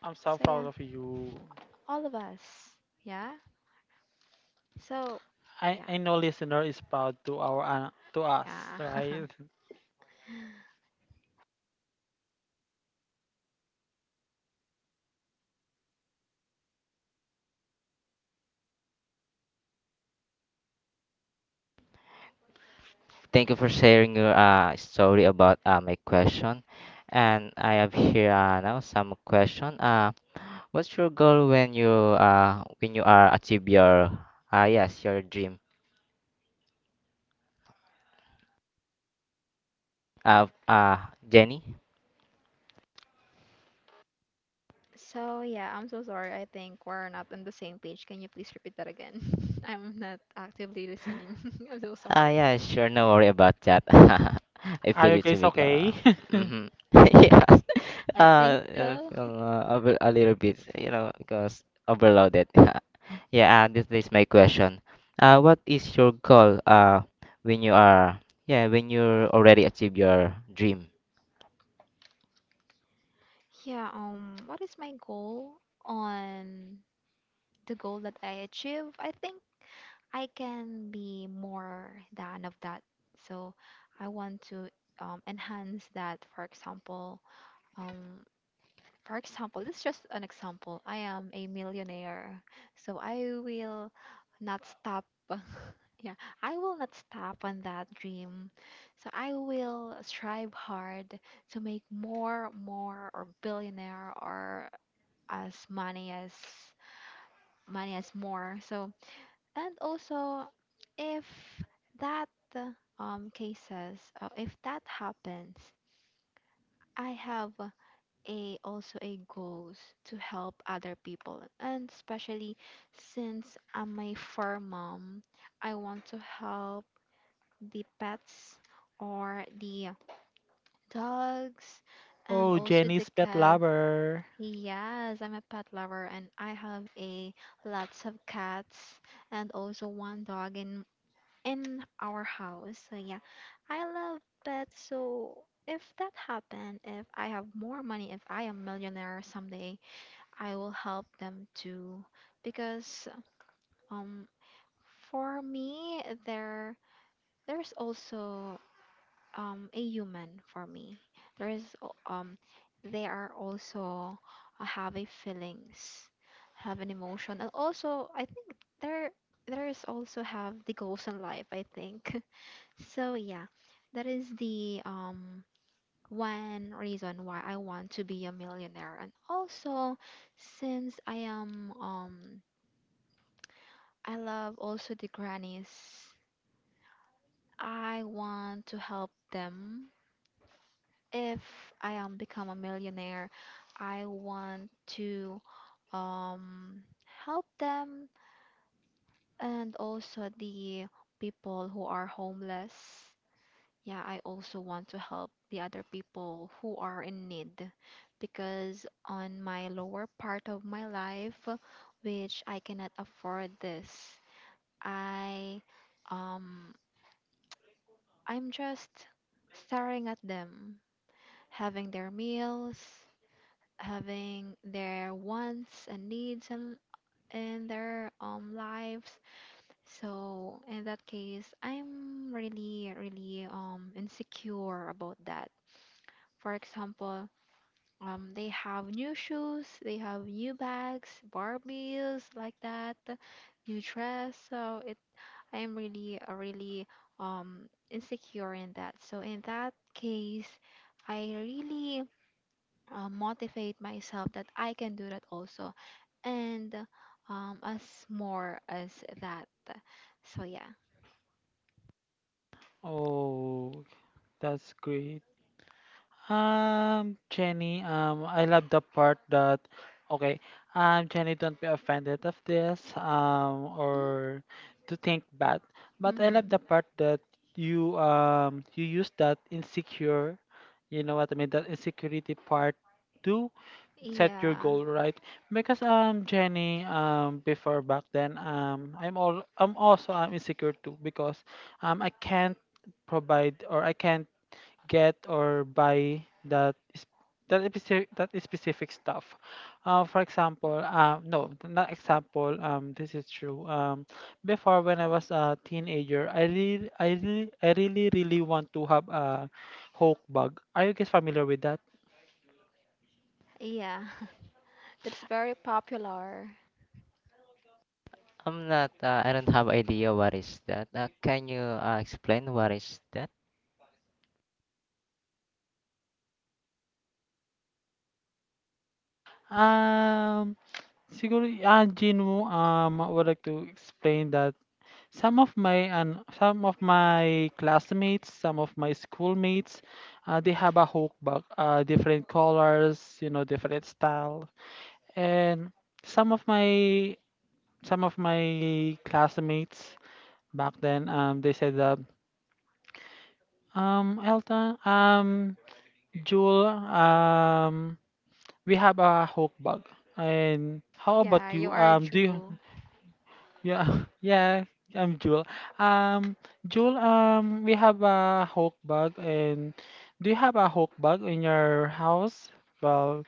Speaker 3: I'm so
Speaker 2: So yeah.
Speaker 3: proud of you.
Speaker 2: All of us. Yeah. So,
Speaker 3: I,
Speaker 2: yeah,
Speaker 3: I know listener is proud to our, uh, to us,
Speaker 2: yeah.
Speaker 3: right?
Speaker 1: Thank you for sharing your uh story about uh my question, and I have here uh, now some question. Uh, what's your goal when you uh when you are achieve your uh yes your dream? Uh, uh, Jenny?
Speaker 2: So yeah, I'm so sorry. I think we're not on the same page. Can you please repeat that again? I'm not actively listening. I'm so
Speaker 1: Ah,
Speaker 2: sorry.
Speaker 1: yeah, sure. No worry about that. I feel
Speaker 3: Are you
Speaker 1: it's a
Speaker 3: guys
Speaker 1: big, uh,
Speaker 3: okay?
Speaker 1: mm-hmm. Yeah,
Speaker 2: I think
Speaker 1: uh, I
Speaker 2: so.
Speaker 1: feel uh, a, bit- a little bit, you know, because overloaded. Yeah, uh, this is my question. Uh, what is your goal, uh, when you are, yeah, when you already achieve your dream?
Speaker 2: Yeah. Um. What is my goal on the goal that I achieve? I think I can be more than of that. So I want to, um, enhance that. For example. Um. For example, this is just an example. I am a millionaire, so I will not stop. Yeah, I will not stop on that dream. So I will strive hard to make more, more, or billionaire, or as money as money as more. So and also, if that um cases, uh, if that happens, I have a also a goals to help other people, and especially since I'm a fur mom, I want to help the pets, or the dogs, and
Speaker 3: Oh,
Speaker 2: also the
Speaker 3: Jenny's pet
Speaker 2: cat.
Speaker 3: lover.
Speaker 2: Yes, I'm a pet lover, and I have a lots of cats, and also one dog in in our house. So yeah, I love pets, so if that happen, if I have more money, if I am millionaire someday, I will help them too, because um for me there there's also um a human for me. There is al- um they are also, uh, have a feelings, have an emotion, and also I think there there is also have the goals in life I think. So yeah, that is the um one reason why I want to be a millionaire, and also since I am um I love also the grannies. I want to help them. If I am become a millionaire, I want to um help them and also the people who are homeless. Yeah, I also want to help the other people who are in need because on my lower part of my life, which I cannot afford this, I um I'm just staring at them, having their meals, having their wants and needs in, in their um lives. So in that case, I'm really really um insecure about that. For example, um they have new shoes, they have new bags, Barbies like that, new dress. So it I am really, uh, really um, insecure in that. So in that case, I really uh, motivate myself that I can do that also, and um, as more as that. So yeah.
Speaker 3: Oh, that's great. Um, Jenny, um, I love the part that, okay, um, Jenny, don't be offended of this, um,
Speaker 2: Mm-hmm.
Speaker 3: or to think bad. But I love
Speaker 2: Mm-hmm.
Speaker 3: the part that you, um, you use that insecure, you know what I mean, that insecurity part to set your
Speaker 2: Yeah,
Speaker 3: goal, right? Because, um, Jenny, um, before back then, um, I'm all, I'm also, um, insecure too because, um, I can't provide or I can't get or buy that is that specific that specific stuff. Uh, for example, um, no, not example. Um, this is true. Um, before when I was a teenager, I really, I really, I really, really want to have a Hulk bug. Are you guys familiar with that?
Speaker 2: yeah. It's very popular.
Speaker 1: I'm not, uh, I don't have idea what is that. Uh, can you uh, explain what is that?
Speaker 3: Um, siguro, ah, Jinwoo, um, would like to explain that some of my and some of my classmates, some of my schoolmates, uh, they have a hookbag, uh, different colors, you know, different style, and some of my some of my classmates back then, um, they said that, um, Elton, um, Jewel, um, we have a hookbag, and how about
Speaker 2: Yeah, you
Speaker 3: you?
Speaker 2: are a
Speaker 3: Um, do you?
Speaker 2: jewel.
Speaker 3: Yeah, yeah, I'm Jewel. Um, Jewel, um, we have a Hulk bug, and do you have a Hulk bug in your house? Well,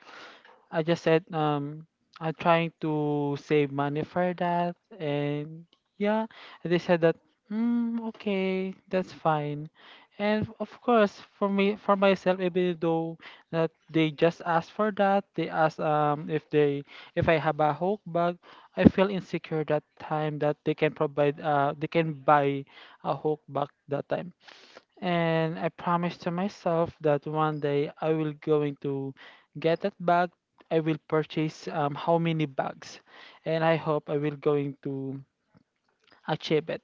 Speaker 3: I just said, um I'm trying to save money for that, and yeah, and they said that, mm, okay, that's fine. And of course, for me, for myself, even though that they just asked for that, they asked um if they, if I have a Hulk bag, I feel insecure that time, that they can provide, uh they can buy a Hulk bag that time. And I promised to myself that one day I will going to get that bag. I will purchase, um, how many bags, and I hope I will going to achieve it.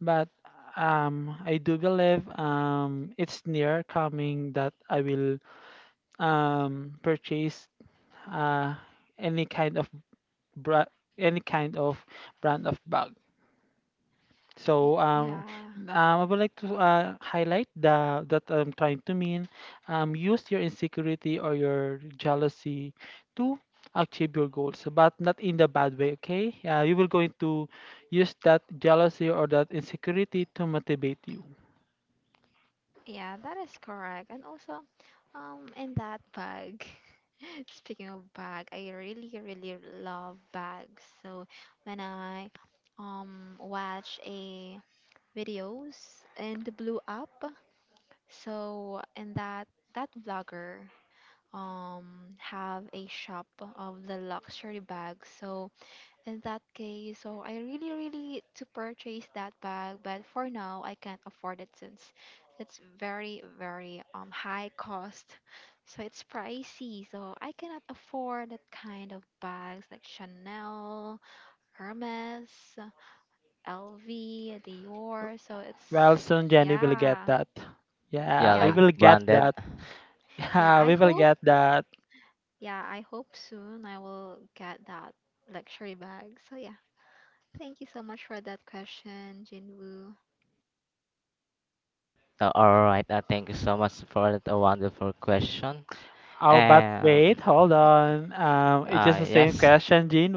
Speaker 3: But um, I do believe, um, it's near coming that I will um, purchase uh, any kind of bra- any kind of brand of bag.
Speaker 2: Y-
Speaker 3: So um,
Speaker 2: Yeah.
Speaker 3: um, I would like to, uh, highlight the that I'm trying to mean. Um, use your insecurity or your jealousy to achieve your goals, but not in the bad way. Okay, uh, you will going to use that jealousy or that insecurity to motivate you.
Speaker 2: Yeah, that is correct. And also, um, in that bag, speaking of bag, I really, really love bags. So when I um watch a videos in the Blue app, so in that that vlogger um have a shop of the luxury bag. So in that case, so I really, really to purchase that bag, but for now I can't afford it since it's very, very um high cost. So it's pricey. So I cannot afford that kind of bags like Chanel, Hermes, L V, Dior. So it's
Speaker 3: Well, soon Jenny will get
Speaker 2: yeah,
Speaker 3: that.
Speaker 1: Yeah,
Speaker 3: Yeah, we
Speaker 2: yeah,
Speaker 1: like
Speaker 3: will get
Speaker 1: branded.
Speaker 3: that.
Speaker 2: yeah.
Speaker 3: Yeah,
Speaker 2: I
Speaker 3: we will
Speaker 2: hope
Speaker 3: get that.
Speaker 2: yeah, I hope soon I will get that luxury bag. So yeah. Thank you so much for that question, Jinwoo.
Speaker 1: Uh, all right. Uh, thank you so much for that uh, wonderful question.
Speaker 3: Oh, but
Speaker 1: Um.
Speaker 3: wait, hold on. Um, it's
Speaker 1: Uh.
Speaker 3: just the same
Speaker 1: Yes.
Speaker 3: question, Jin.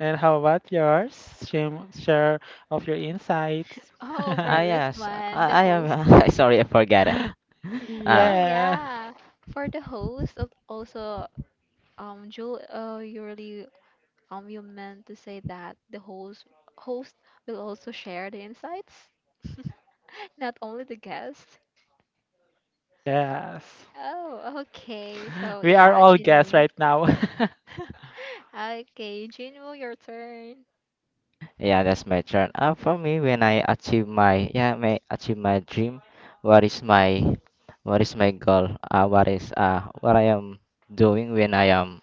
Speaker 3: And how about yours? Shame, share of your insights.
Speaker 2: Oh,
Speaker 1: Ah,
Speaker 2: for this
Speaker 1: yes.
Speaker 2: one, the
Speaker 1: I. I
Speaker 2: host.
Speaker 1: am. Sorry. I forgot it. Uh.
Speaker 2: Oh
Speaker 3: yeah.
Speaker 2: yeah, for the host. Of Also, um, Jewel, oh, you really um, you meant to say that the host host will also share the insights, not only the guest.
Speaker 3: Yes.
Speaker 2: Oh, okay. So
Speaker 3: We are
Speaker 2: yeah,
Speaker 3: all guests
Speaker 2: Jinwoo.
Speaker 3: right now.
Speaker 2: Okay, Jinwoo, your turn.
Speaker 1: Yeah. That's my turn. Uh. For me, when I achieve my yeah, may achieve my dream, what is my what is my goal? Uh. What is uh what I am doing when I am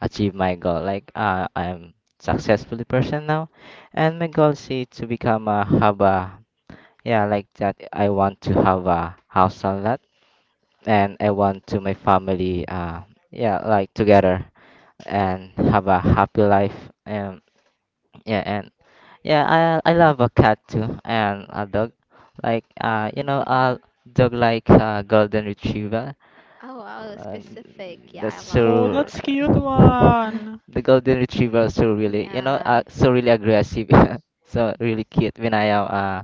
Speaker 1: achieve my goal? Like uh, I'm successfully person now, and my goal is to become a have a, yeah, like that. I want to have a house on that, and I want to my family. Uh, yeah, like together and have a happy life. And yeah, and yeah, I I love a cat too and a dog, like uh, you
Speaker 2: Mm.
Speaker 1: know, a dog like a golden retriever.
Speaker 2: Oh, wow,
Speaker 1: Uh,
Speaker 2: specific. Yeah,
Speaker 1: that's
Speaker 2: I love
Speaker 3: Oh,
Speaker 1: so.
Speaker 2: that.
Speaker 3: that's cute one.
Speaker 1: The golden retriever are so really, you know,
Speaker 2: Yeah,
Speaker 1: uh, so really aggressive, so really cute when I am uh,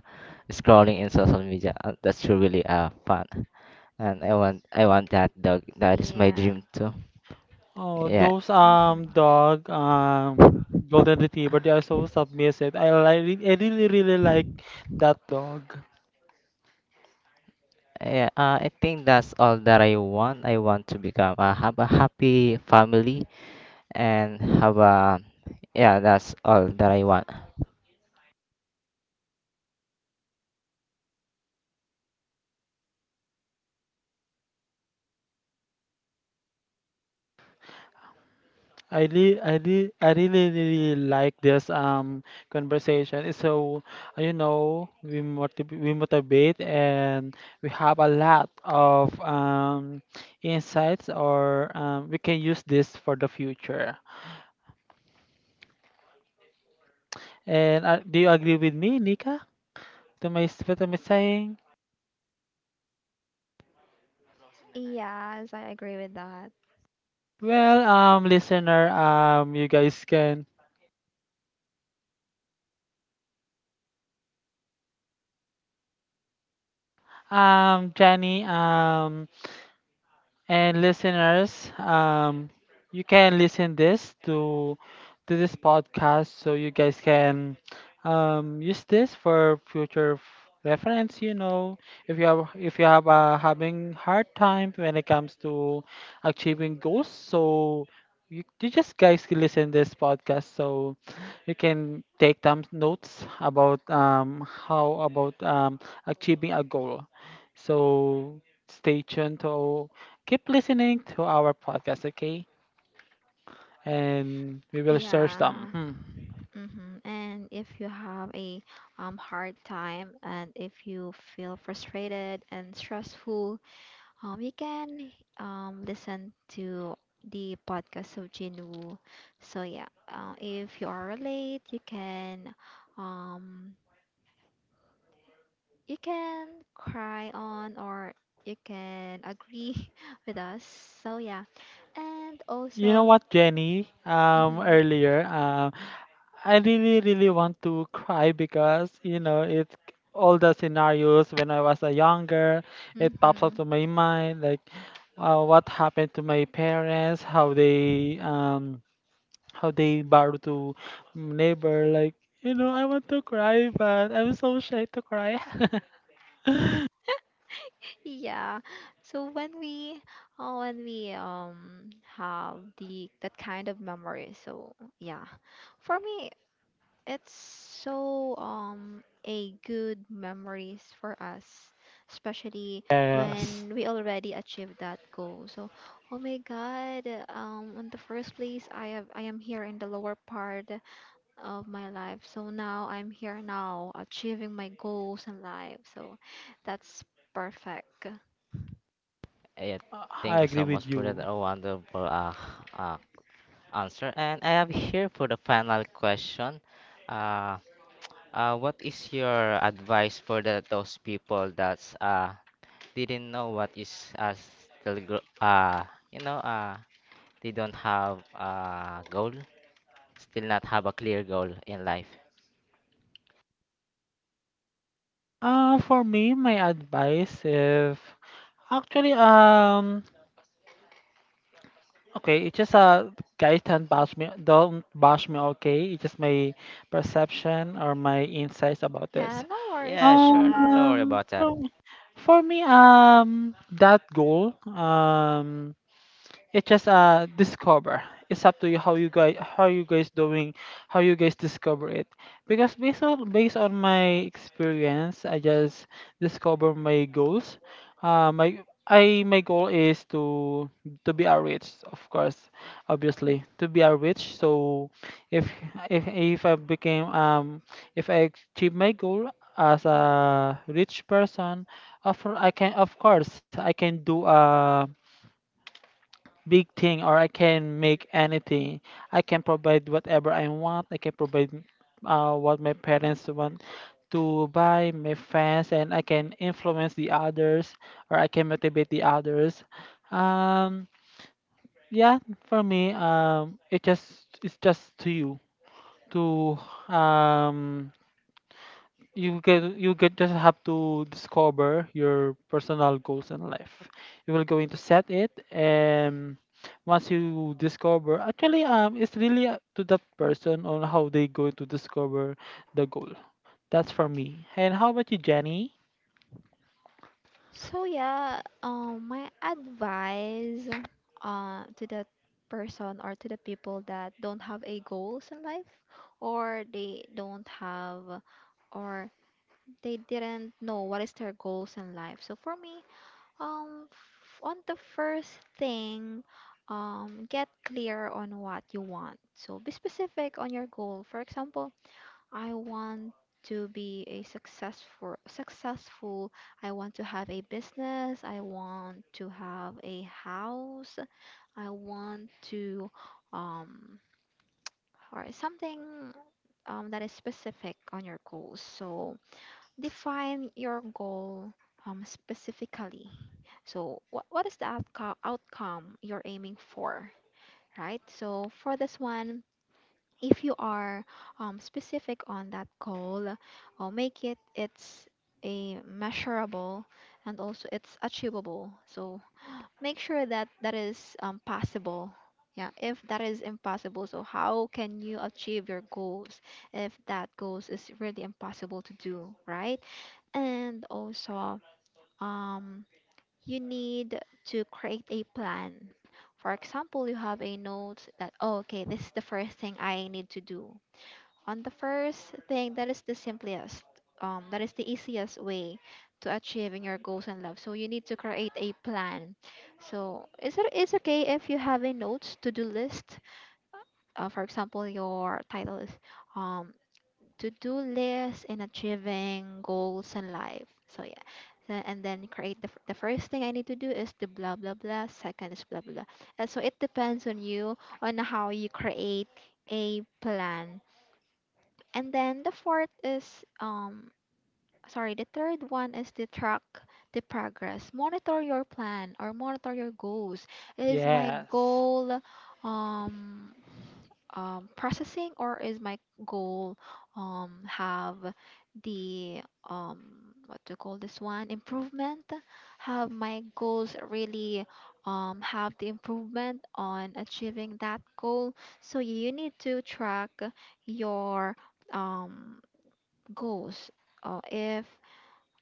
Speaker 1: scrolling in social media. Uh, that's really uh fun, and I want I want that dog. That is my
Speaker 2: yeah.
Speaker 1: dream too.
Speaker 3: Oh,
Speaker 1: Yeah,
Speaker 3: those um
Speaker 2: Mm-hmm.
Speaker 3: dog um golden retriever, they are so submissive. I like I really really like that dog.
Speaker 1: yeah. Uh, I think that's all that I want. I want to become uh, have a happy family and have a yeah. That's all that I want.
Speaker 3: I really, I really, I really, really like this um conversation. So, uh, you know, we motiv we motivate, and we have a lot of um insights, or um, we can use this for the future. And uh, do you agree with me, Nika? To my s- what am I saying?
Speaker 2: Yes, I agree with that.
Speaker 3: Well, um, listener, um, you guys can, um, Jenny, um. and listeners, um you can listen this to to this podcast, so you guys can um use this for future f- reference, you know, if you have if you have, uh, having hard time when it comes to achieving goals. So you, you just guys can listen this podcast so you can take some notes about um how about um achieving a goal. So stay tuned to keep listening to our podcast, okay? And we will share some.
Speaker 2: Yeah.
Speaker 3: Hmm.
Speaker 2: Mm-hmm. And if you have a um, hard time and if you feel frustrated and stressful, um, you can um, listen to the podcast of Jinwoo. So yeah, uh, if you are late, you can um, you can cry on or you can agree with us. So yeah, and
Speaker 3: You know
Speaker 2: also.
Speaker 3: what, Jenny? Um,
Speaker 2: Mm-hmm.
Speaker 3: earlier, um, I really, really want to cry because you know it's all the scenarios when I was a younger. It pops up
Speaker 2: Mm-hmm.
Speaker 3: to my mind like, uh, what happened to my parents, how they, um how they borrowed to neighbor. Like, you know, I want to cry, but I'm so shy to cry.
Speaker 2: Yeah. So when we uh, when we um have the that kind of memory, so yeah. For me, it's so um a good memories for us, especially
Speaker 3: Yes.
Speaker 2: when we already achieved that goal. So, oh my God, um in the first place, I have I am here in the lower part of my life. So now I'm here now achieving my goals in life. So that's perfect.
Speaker 1: Yeah,
Speaker 3: Uh,
Speaker 1: thank
Speaker 3: I
Speaker 1: you
Speaker 3: agree
Speaker 1: so much
Speaker 3: with
Speaker 1: for that
Speaker 3: you.
Speaker 1: uh, wonderful uh, uh answer. And I am here for the final question. Uh, uh, what is your advice for the, those people that's uh, didn't know what is uh, still gr- uh, you know uh, they don't have a goal, still not have a clear goal in life?
Speaker 3: Uh, for me, my advice, if actually, um okay, it's just, uh guys, don't bash me, don't bash me, okay. It's just my perception or my insights about
Speaker 2: Yeah,
Speaker 3: this.
Speaker 2: no worries
Speaker 1: Yeah,
Speaker 2: to
Speaker 1: sure.
Speaker 2: that.
Speaker 1: No worry
Speaker 3: Um
Speaker 1: about that.
Speaker 3: for for me um that goal, um it's just, uh discover, it's up to you how you guys, how you guys doing how you guys discover it. Because based on based on my experience, I just discover my goals, uh my I my goal is to to be a rich, of course, obviously, to be a rich. So if if if I became, um if I achieve my goal as a rich person, of cour- i can of course I can do a big thing, or I can make anything. I can provide whatever I want. I can provide, uh, what my parents want to buy, my fans, and I can influence the others, or I can motivate the others. Um, yeah, for me, um, it just it's just to you to, um you get you get, just have to discover your personal goals in life. You will going to set it, and once you discover, actually, um it's really up to that person on how they going to discover the goal. That's for me. And how about you, Jenny?
Speaker 2: So yeah, um, my advice, uh, to that person or to the people that don't have a goals in life, or they don't have, or they didn't know what is their goals in life. So for me, um, f- on the first thing, um, get clear on what you want. So be specific on your goal. For example, I want to be a successful successful. I want to have a business. I want to have a house. I want to um or something um, that is specific on your goals. So define your goal um, specifically. So what, what is the outcome outcome you're aiming for, right? So for this one, if you are um, specific on that goal or make it it's a measurable and also it's achievable, so make sure that that is um, possible. Yeah, if that is impossible, so how can you achieve your goals if that goals is really impossible to do, right? And also, um, you need to create a plan. For example, you have a note that, oh, okay, this is the first thing I need to do. On the first thing, that is the simplest, um, that is the easiest way to achieving your goals in love. So you need to create a plan. So is it is okay if you have a notes to do list? Uh, for example, your title is um, to do list in achieving goals in life. So yeah. So- and then create the, f- the first thing I need to do is the blah blah blah. Second is blah blah blah. And so it depends on you on how you create a plan. And then the fourth is um sorry, the third one is the track the progress. Monitor your plan or monitor your goals. Is my
Speaker 3: Yes.
Speaker 2: goal um um processing, or is my goal um have the um what to call this one, improvement? Have my goals really um have the improvement on achieving that goal? So you need to track your um goals. Uh, if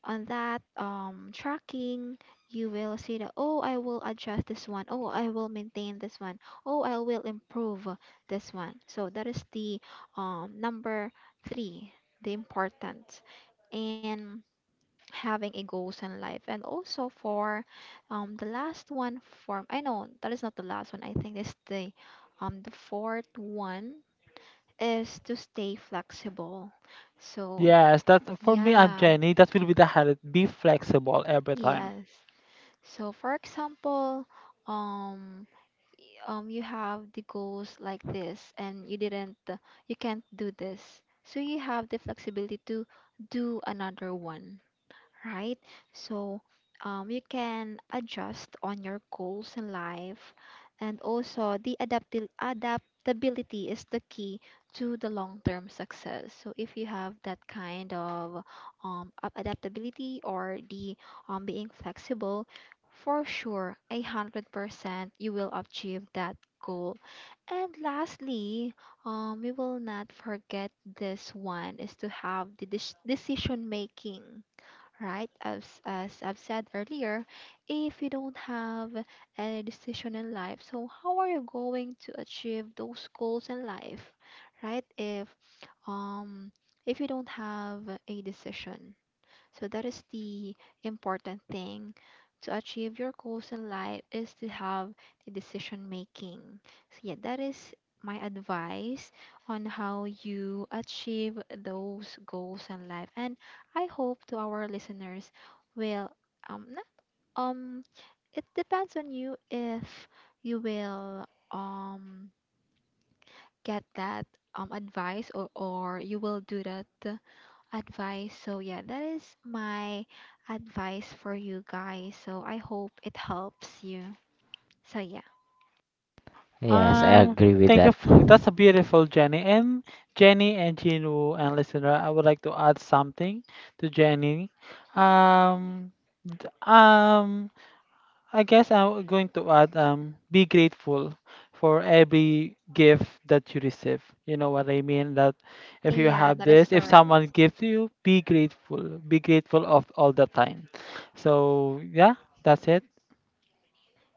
Speaker 2: on that um, tracking, you will see that, oh, I will adjust this one. Oh, I will maintain this one. Oh, I will improve this one. So that is the um, number three, the importance in having a goals in life. And also for um, the last one form, I know that is not the last one. I think it's the um, the fourth one is to stay flexible. So
Speaker 3: Yes, that for me and
Speaker 2: yeah,
Speaker 3: Jenny, that will be the highlight, be flexible every time.
Speaker 2: yes. So for example, um um you have the goals like this and you didn't uh, you can't do this. So you have the flexibility to do another one, right? So um, you can adjust on your goals in life, and also the adaptil- adaptability is the key to the long-term success. So if you have that kind of um, a- adaptability or the um, being flexible, for sure, a hundred percent you will achieve that goal. And lastly, um, we will not forget this one is to have the dec- decision making, right? As, as I've said earlier, if you don't have any decision in life, so how are you going to achieve those goals in life, right? If um if you don't have a decision, so that is the important thing to achieve your goals in life is to have the decision making. So yeah, that is my advice on how you achieve those goals in life. And I hope to our listeners will um n- um it depends on you if you will um get that um advice, or or you will do that advice. So yeah, that is my advice for you guys. So I hope it helps you. So yeah.
Speaker 1: Yes, I
Speaker 3: Um,
Speaker 1: agree with
Speaker 3: thank you.
Speaker 1: that.
Speaker 3: f- That's a beautiful Jenny. And Jenny and Jinwoo and listener, I would like to add something to Jenny. Um, um, I guess I'm going to add, um, be grateful for every gift that you receive. You know what I mean? That if you
Speaker 2: Yeah,
Speaker 3: have
Speaker 2: that is
Speaker 3: this, if someone
Speaker 2: correct.
Speaker 3: gives you, be grateful. Be grateful of all the time. So yeah, that's it.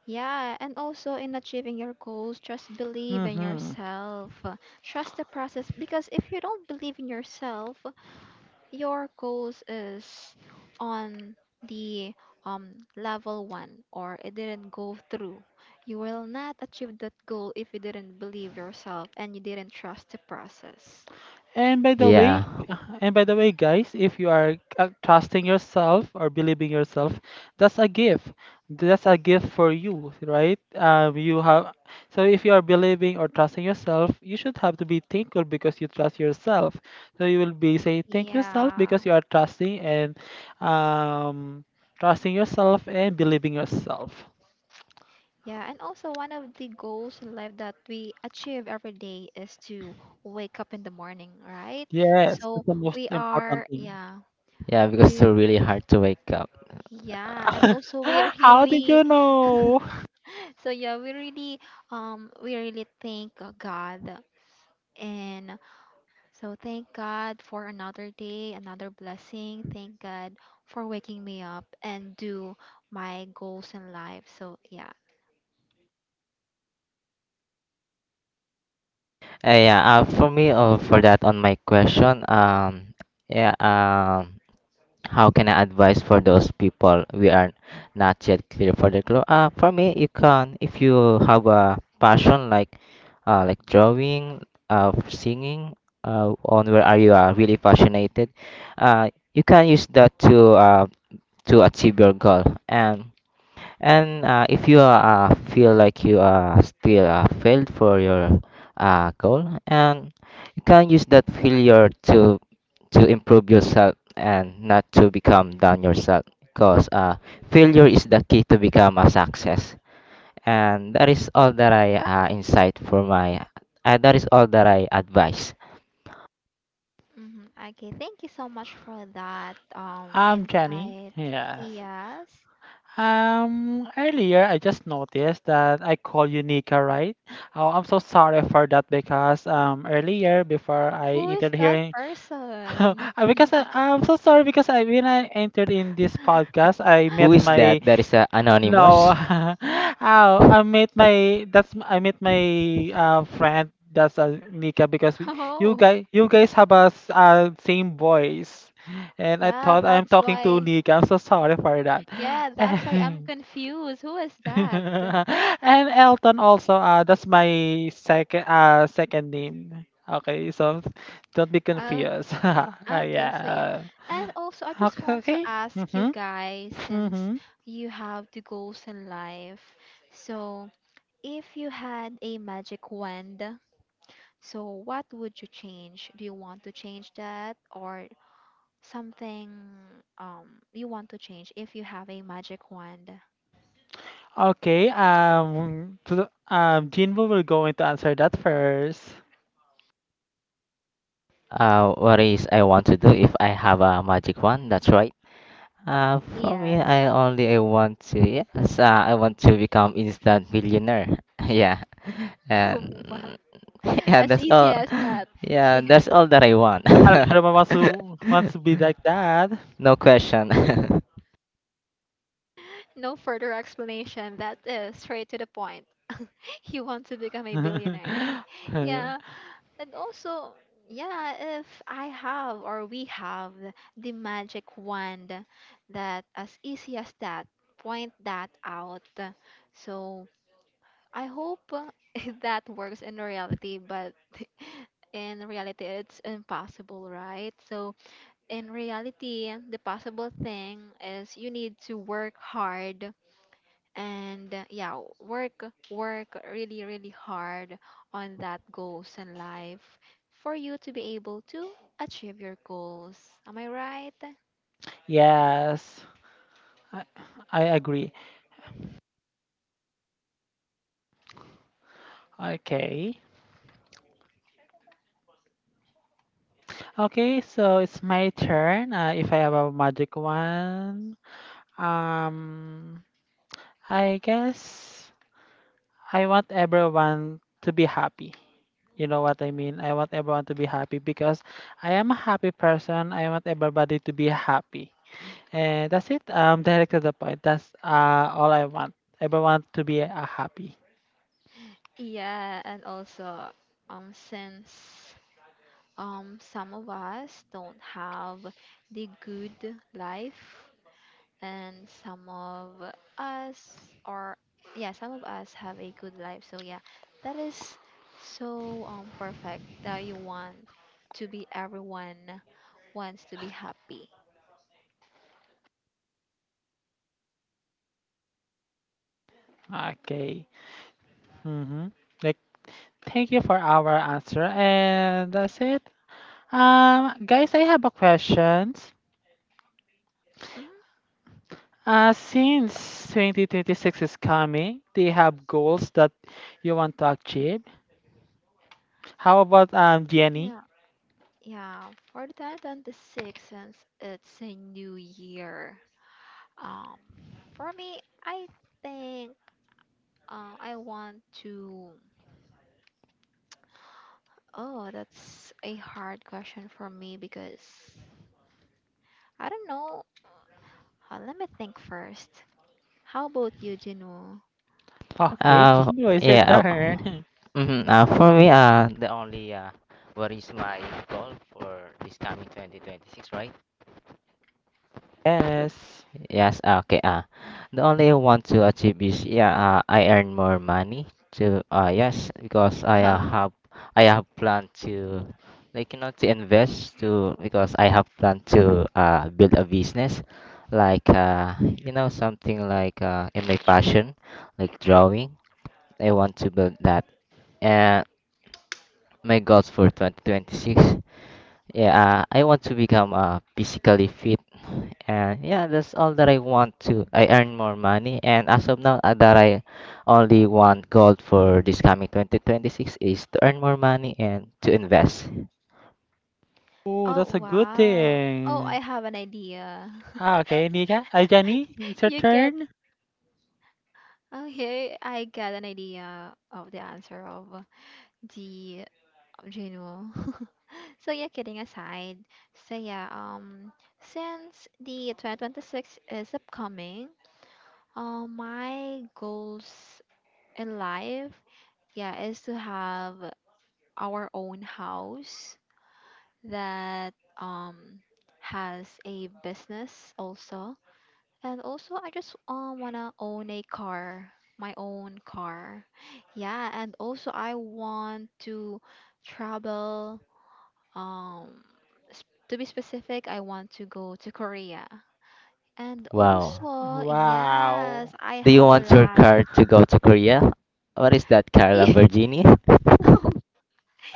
Speaker 2: Yeah, and also in achieving your goals, just believe in
Speaker 3: Mm-hmm.
Speaker 2: yourself. Uh, trust the process, because if you don't believe in yourself, your goals is on the um level one or it didn't go through. You will not achieve that goal if you didn't believe yourself and you didn't trust the process.
Speaker 3: And by the way,
Speaker 1: Yeah.
Speaker 3: and by the way, guys, if you are, uh, trusting yourself or believing yourself, that's a gift. That's a gift for you, right? Um, you have. So if you are believing or trusting yourself, you should have to be thankful because you trust yourself. So you will be saying thank yourself
Speaker 2: Yeah.
Speaker 3: because you are trusting, and, um, trusting yourself and believing yourself.
Speaker 2: Yeah, and also one of the goals in life that we achieve every day is to wake up in the morning, right?
Speaker 3: Yes,
Speaker 2: So
Speaker 3: that's the most
Speaker 2: we are,
Speaker 3: important thing.
Speaker 2: yeah,
Speaker 1: Yeah, because it's
Speaker 2: we,
Speaker 1: really hard to wake up.
Speaker 2: yeah, and also we are
Speaker 3: How did
Speaker 2: really,
Speaker 3: you know?
Speaker 2: so yeah, we really, um, we really thank uh, God. And so thank God for another day, another blessing. Thank God for waking me up and do my goals in life. So yeah.
Speaker 1: Uh, yeah, uh, for me, uh, for that on my question, um, yeah, um, how can I advise for those people we are not yet clear for the club? Uh, for me, you can if you have a passion like uh, like drawing, uh, singing, uh, on where are you are really passionate, uh, you can use that to uh, to achieve your goal. And and uh, if you uh, feel like you are still uh, failed for your uh, goal, and you can use that failure to to improve yourself and not to become down yourself because uh, failure is the key to become a success, and that is all that I uh, insight for my uh, that is all that I advise.
Speaker 2: Hmm. Okay, thank you so much for that um
Speaker 3: I'm Jenny.
Speaker 2: insight.
Speaker 3: Yes.
Speaker 2: Yes.
Speaker 3: Um, earlier I just noticed that I called you Nika, right? Oh, I'm so sorry for that because um earlier before I
Speaker 2: Who is
Speaker 3: entered
Speaker 2: that
Speaker 3: hearing, uh,
Speaker 2: person?
Speaker 3: because I, I'm so sorry because I, when I entered in this podcast, I
Speaker 1: Who
Speaker 3: met
Speaker 1: is
Speaker 3: my,
Speaker 1: that? That is uh,
Speaker 3: no,
Speaker 1: anonymous.
Speaker 3: oh, I met my, that's I met my uh friend, that's uh, Nika, because we, you
Speaker 2: Oh,
Speaker 3: guys, you guys have a s- uh, same voice, and I
Speaker 2: yeah,
Speaker 3: thought I'm
Speaker 2: that's
Speaker 3: talking to
Speaker 2: why.
Speaker 3: Nika. I'm so sorry for that.
Speaker 2: Yeah, that's why I'm confused. Who is that?
Speaker 3: And Elton also, uh, that's my second uh second name. Okay, so don't be confused.
Speaker 2: Okay.
Speaker 3: uh,
Speaker 2: Okay, so yeah.
Speaker 3: yeah.
Speaker 2: And also I just
Speaker 3: Okay.
Speaker 2: want to
Speaker 3: Okay.
Speaker 2: ask you
Speaker 3: Mhm.
Speaker 2: guys, since
Speaker 3: Mhm.
Speaker 2: you have the goals in life. So, if you had a magic wand, so what would you change? Do you want to change that or something um you want to change if you have a magic wand?
Speaker 3: Okay. Um. to the- Um. Jinbo will go into answer that first.
Speaker 1: Uh, what is I want to do if I have a magic wand? That's right. Uh, for me,
Speaker 2: Yes.
Speaker 1: i only i want to yes uh, i want to become instant millionaire. yeah and
Speaker 2: Oh, wow.
Speaker 1: yeah,
Speaker 2: As
Speaker 1: that's
Speaker 2: easy
Speaker 1: all.
Speaker 2: as that.
Speaker 1: Yeah,
Speaker 2: Yeah.
Speaker 1: that's all that I want.
Speaker 3: Alabama wants to wants to be like that.
Speaker 1: No question.
Speaker 2: No further explanation. That is straight to the point. You want to become a billionaire. Yeah. And also, yeah, if I have or we have the magic wand that as easy as that, point that out. So I hope uh, that works in reality, but in reality, it's impossible, right? So, in reality, the possible thing is you need to work hard and uh, yeah, work, work really, really hard on that goals in life for you to be able to achieve your goals. Am I right?
Speaker 3: Yes. I, I agree. Okay. Okay, so it's my turn. Uh, if I have a magic one, um, I guess I want everyone to be happy. You know what I mean? I want everyone to be happy because I am a happy person. I want everybody to be happy. And that's it. Um, direct to the point. That's uh, all I want. Everyone to be uh, happy.
Speaker 2: Yeah, and also, um, since um, some of us don't have the good life, and some of us are, yeah, some of us have a good life. So, yeah, that is so um, perfect that you want to be everyone wants to be happy.
Speaker 3: Okay. Mm-hmm. Like, thank you for our answer. And that's it. Um, guys, I have a questions.
Speaker 2: Hmm.
Speaker 3: Uh, since twenty twenty-six is coming, do you have goals that you want to achieve? How about um Jenny?
Speaker 2: Yeah, yeah. For the two thousand twenty-six, since it's a new year, um, for me, I think uh, I want to. Oh, that's a hard question for me because I don't know. Uh, let me think first. How about you, Jinwoo?
Speaker 3: Okay,
Speaker 1: Uh,
Speaker 3: Kingo, it's your
Speaker 1: yeah. Uh,
Speaker 3: turn.
Speaker 1: mhm, uh, for me, uh, the only uh, what is my goal for this coming twenty twenty-six, right?
Speaker 3: Yes.
Speaker 1: Yes, ah, okay. Uh, the only I want to achieve is yeah, uh, I earn more money to uh yes, because I uh,
Speaker 2: Oh,
Speaker 1: have I have plan to like, you know, to invest to because I have plan to uh build a business like uh you know, something like uh in my passion like drawing. I want to build that. And my goals for twenty twenty-six. Yeah, uh, I want to become uh, physically fit. And yeah, that's all that I want to. I earn more money. And as of now, uh, that I only want goal for this coming twenty twenty-six is to earn more money and to invest.
Speaker 3: Oh,
Speaker 2: oh,
Speaker 3: that's a good
Speaker 2: wow. Oh, I
Speaker 3: thing.
Speaker 2: have an idea.
Speaker 3: Ah, okay, Nika. Uh, Jenny, it's your
Speaker 2: You get
Speaker 3: turn.
Speaker 2: okay. I got an idea of the answer of the Jinwoo. So yeah, kidding aside. So yeah, um, since the twenty twenty-six is upcoming, uh, my goals in life, yeah, is to have our own house that um has a business also. And also I just um wanna own a car, my own car. Yeah, and also I want to travel um s- to be specific, I want to go to Korea. And
Speaker 1: Wow.
Speaker 2: also, yes,
Speaker 3: Wow.
Speaker 2: I
Speaker 1: Do you
Speaker 2: have a
Speaker 1: want your
Speaker 2: lot.
Speaker 1: car to go to Korea? What is that car, Lamborghini?
Speaker 2: Yeah,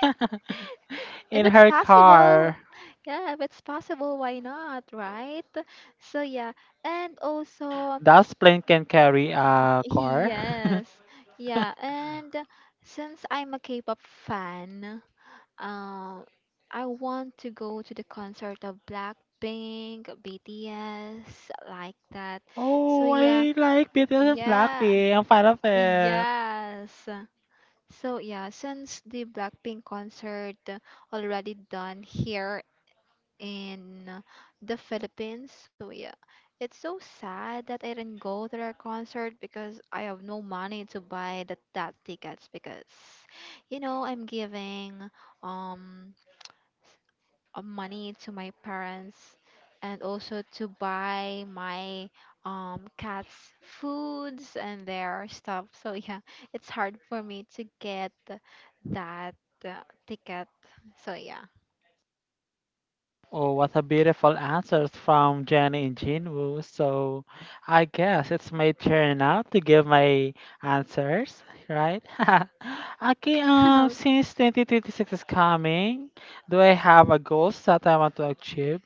Speaker 2: if
Speaker 3: In
Speaker 2: it's
Speaker 3: her
Speaker 2: possible.
Speaker 3: car.
Speaker 2: Yeah, if it's possible, why not, right? So yeah, and also
Speaker 3: Does plane can carry a car?
Speaker 2: yes, yeah, and since I'm a K-pop fan, um, I want to go to the concert of Blackpink, BTS, like that. So
Speaker 3: Oh,
Speaker 2: yeah,
Speaker 3: I like B T S and
Speaker 2: yeah,
Speaker 3: Blackpink. I'm fan of it.
Speaker 2: yes. So yeah, since the Blackpink concert already done here in uh, the Philippines. So yeah, it's so sad that I didn't go to their concert because I have no money to buy that that tickets because you know I'm giving um uh, money to my parents and also to buy my um cats foods and their stuff. So yeah, it's hard for me to get that uh, ticket. So yeah.
Speaker 3: Oh, what a beautiful answers from Jenny and Jinwoo. So I guess it's my turn now to give my answers, right? Okay, um, since twenty twenty-six is coming, do I have a goals that I want to achieve?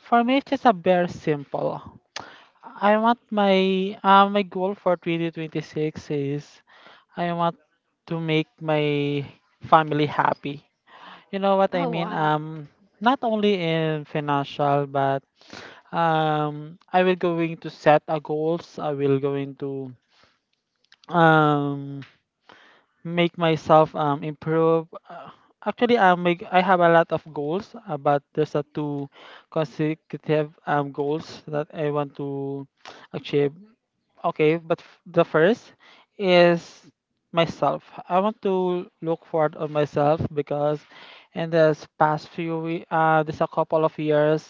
Speaker 3: For me, it's just a very simple. I want my uh, my goal for twenty twenty-six is I want to make my family happy. You know what I
Speaker 2: Oh
Speaker 3: mean?
Speaker 2: wow.
Speaker 3: Um, not only in financial, but um, I will going to set a goals. I will going to um make myself um improve. Uh, actually, I make I have a lot of goals, uh, but there's a two consecutive um goals that I want to achieve. Okay, but f- the first is myself. I want to look forward on myself because in this past few we uh this a couple of years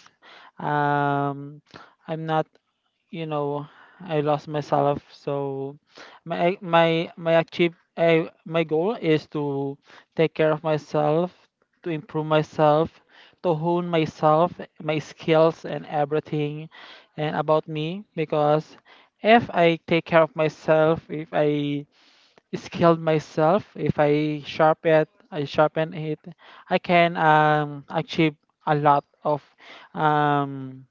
Speaker 3: um I'm not, you know, I lost myself. So my my my achieve I, my goal is to take care of myself, to improve myself, to hone myself, my skills and everything, and about me. Because if I take care of myself, if I skilled myself, if I sharpen it, I sharpen it, I can um, achieve a lot of um,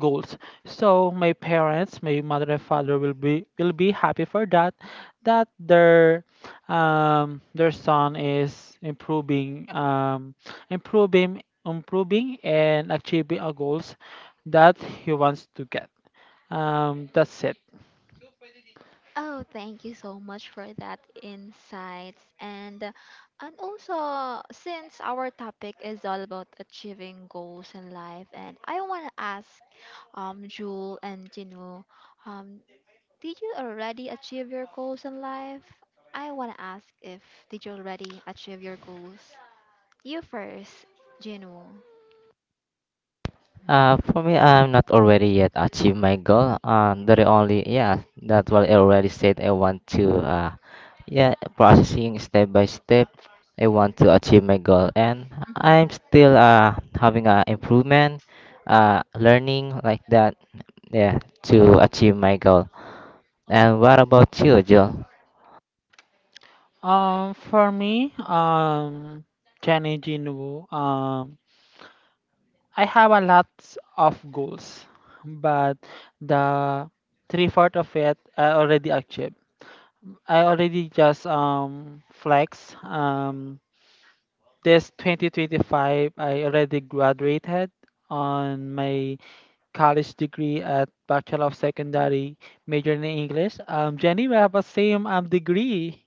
Speaker 3: goals, so my parents, my mother and father, will be will be happy for that, that their um their son is improving um improving improving and achieving a goals that he wants to get. Um that's it.
Speaker 2: Oh, thank you so much for that insights. And uh, and also since our topic is all about achieving goals in life, and I want to ask um Jewel and Jinu, um did you already achieve your goals in life? I want to ask if did you already achieve your goals? You first, Jinu.
Speaker 1: Uh, for me, I'm not already yet achieved my goal. Um, the only yeah, that's what I already said. I want to uh, yeah, processing step by step. I want to achieve my goal, and
Speaker 2: Hmm.
Speaker 1: I'm still uh having a improvement, uh, learning like that. Yeah, to achieve my goal. And what about you, Jill?
Speaker 3: Um for me, um Jenny, Jinwoo, um I have a lot of goals, but the three fourth of it I already achieved. I already just um flex. Um, this twenty twenty-five, I already graduated on my college degree at Bachelor of Secondary, major in English. Um, Jenny, we have a same um degree,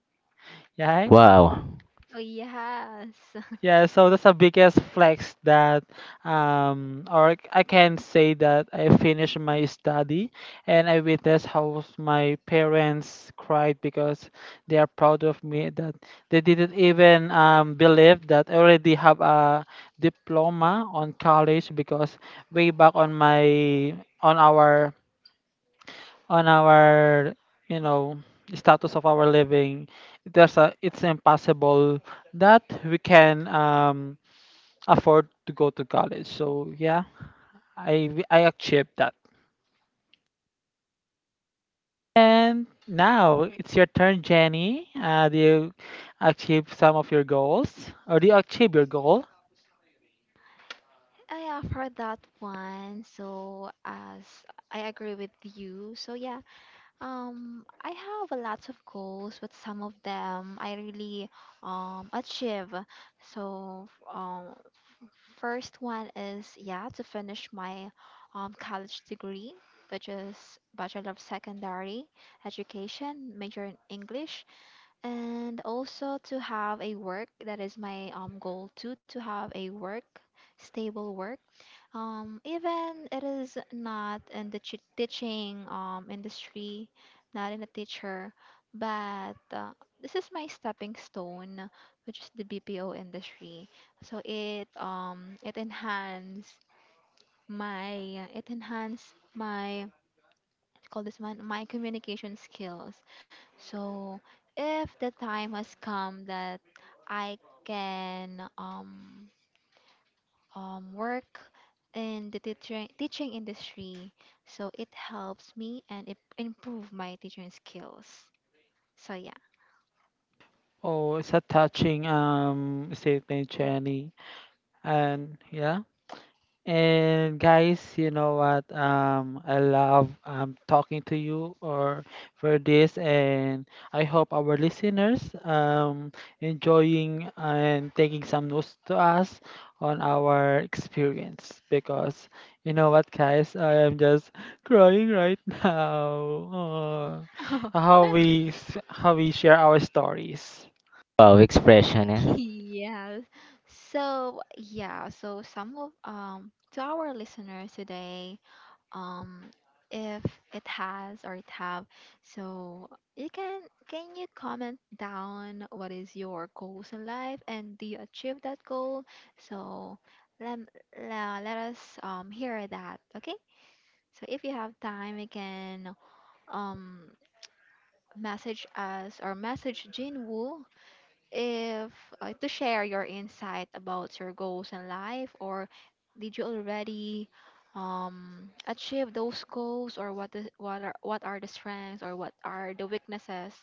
Speaker 3: right?
Speaker 1: Wow,
Speaker 2: Oh yes.
Speaker 3: Yeah, so that's the biggest flex that, um, or I can say that I finished my study and I witnessed how my parents cried because they are proud of me, that they didn't even um, believe that I already have a diploma on college. Because way back on my, on our on our you know, status of our living, there's a, it's impossible that we can um afford to go to college. So yeah, I w- I achieved that. And now it's your turn, Jenny. Uh, do you achieve some of your goals, or do you achieve your goal?
Speaker 2: I have heard that one. So as I agree with you. So yeah, um, I have a lots of goals, but some of them I really um achieve. So, um, first one is yeah to finish my um college degree, which is Bachelor of Secondary Education, major in English, and also to have a work that is my um goal too to have a work, stable work um, even it is not in the chi- teaching um, industry, not in a teacher, but uh, this is my stepping stone, which is the B P O industry. So it um it enhance my uh, it enhance my what you call this one my communication skills. So if the time has come that I can um um, work in the teaching teaching industry. So it helps me and it improve my teaching skills. So yeah.
Speaker 3: Oh, it's a touching um statement, Jenny. And yeah. And guys, you know what? Um, I love um talking to you or for this, and I hope our listeners um enjoying and taking some notes to us on our experience. Because you know what, guys, I am just crying right now. Oh, how we s- how we share our stories.
Speaker 1: wow expression. Yeah.
Speaker 2: Yes. So yeah, so some of um to our listeners today, um if it has or it have. So you can can you comment down what is your goals in life and do you achieve that goal? So let let, let us um hear that. Okay. So if you have time, you can um message us or message Jin Woo if uh, to share your insight about your goals in life, or did you already um, achieve those goals or what is, what are what are the strengths or what are the weaknesses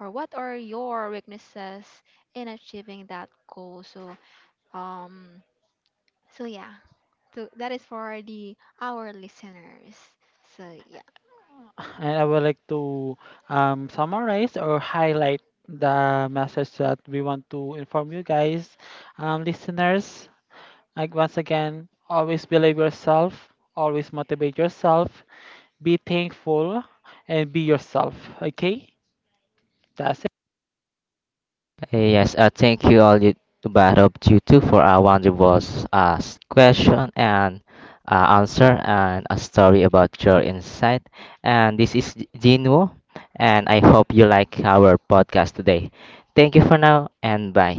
Speaker 2: or what are your weaknesses in achieving that goal. So um so yeah, so that is for the our listeners, so yeah
Speaker 3: And I would like to um, summarize or highlight the message that we want to inform you guys, um, listeners. Like once again, always believe yourself, always motivate yourself, be thankful, and be yourself. Okay, that's
Speaker 1: Okay, yes, uh, thank you all you both of you two for our wonderful uh, question and uh, answer and a story about your insight. And this is Jinwoo, and I hope you like our podcast today. Thank you for now and bye.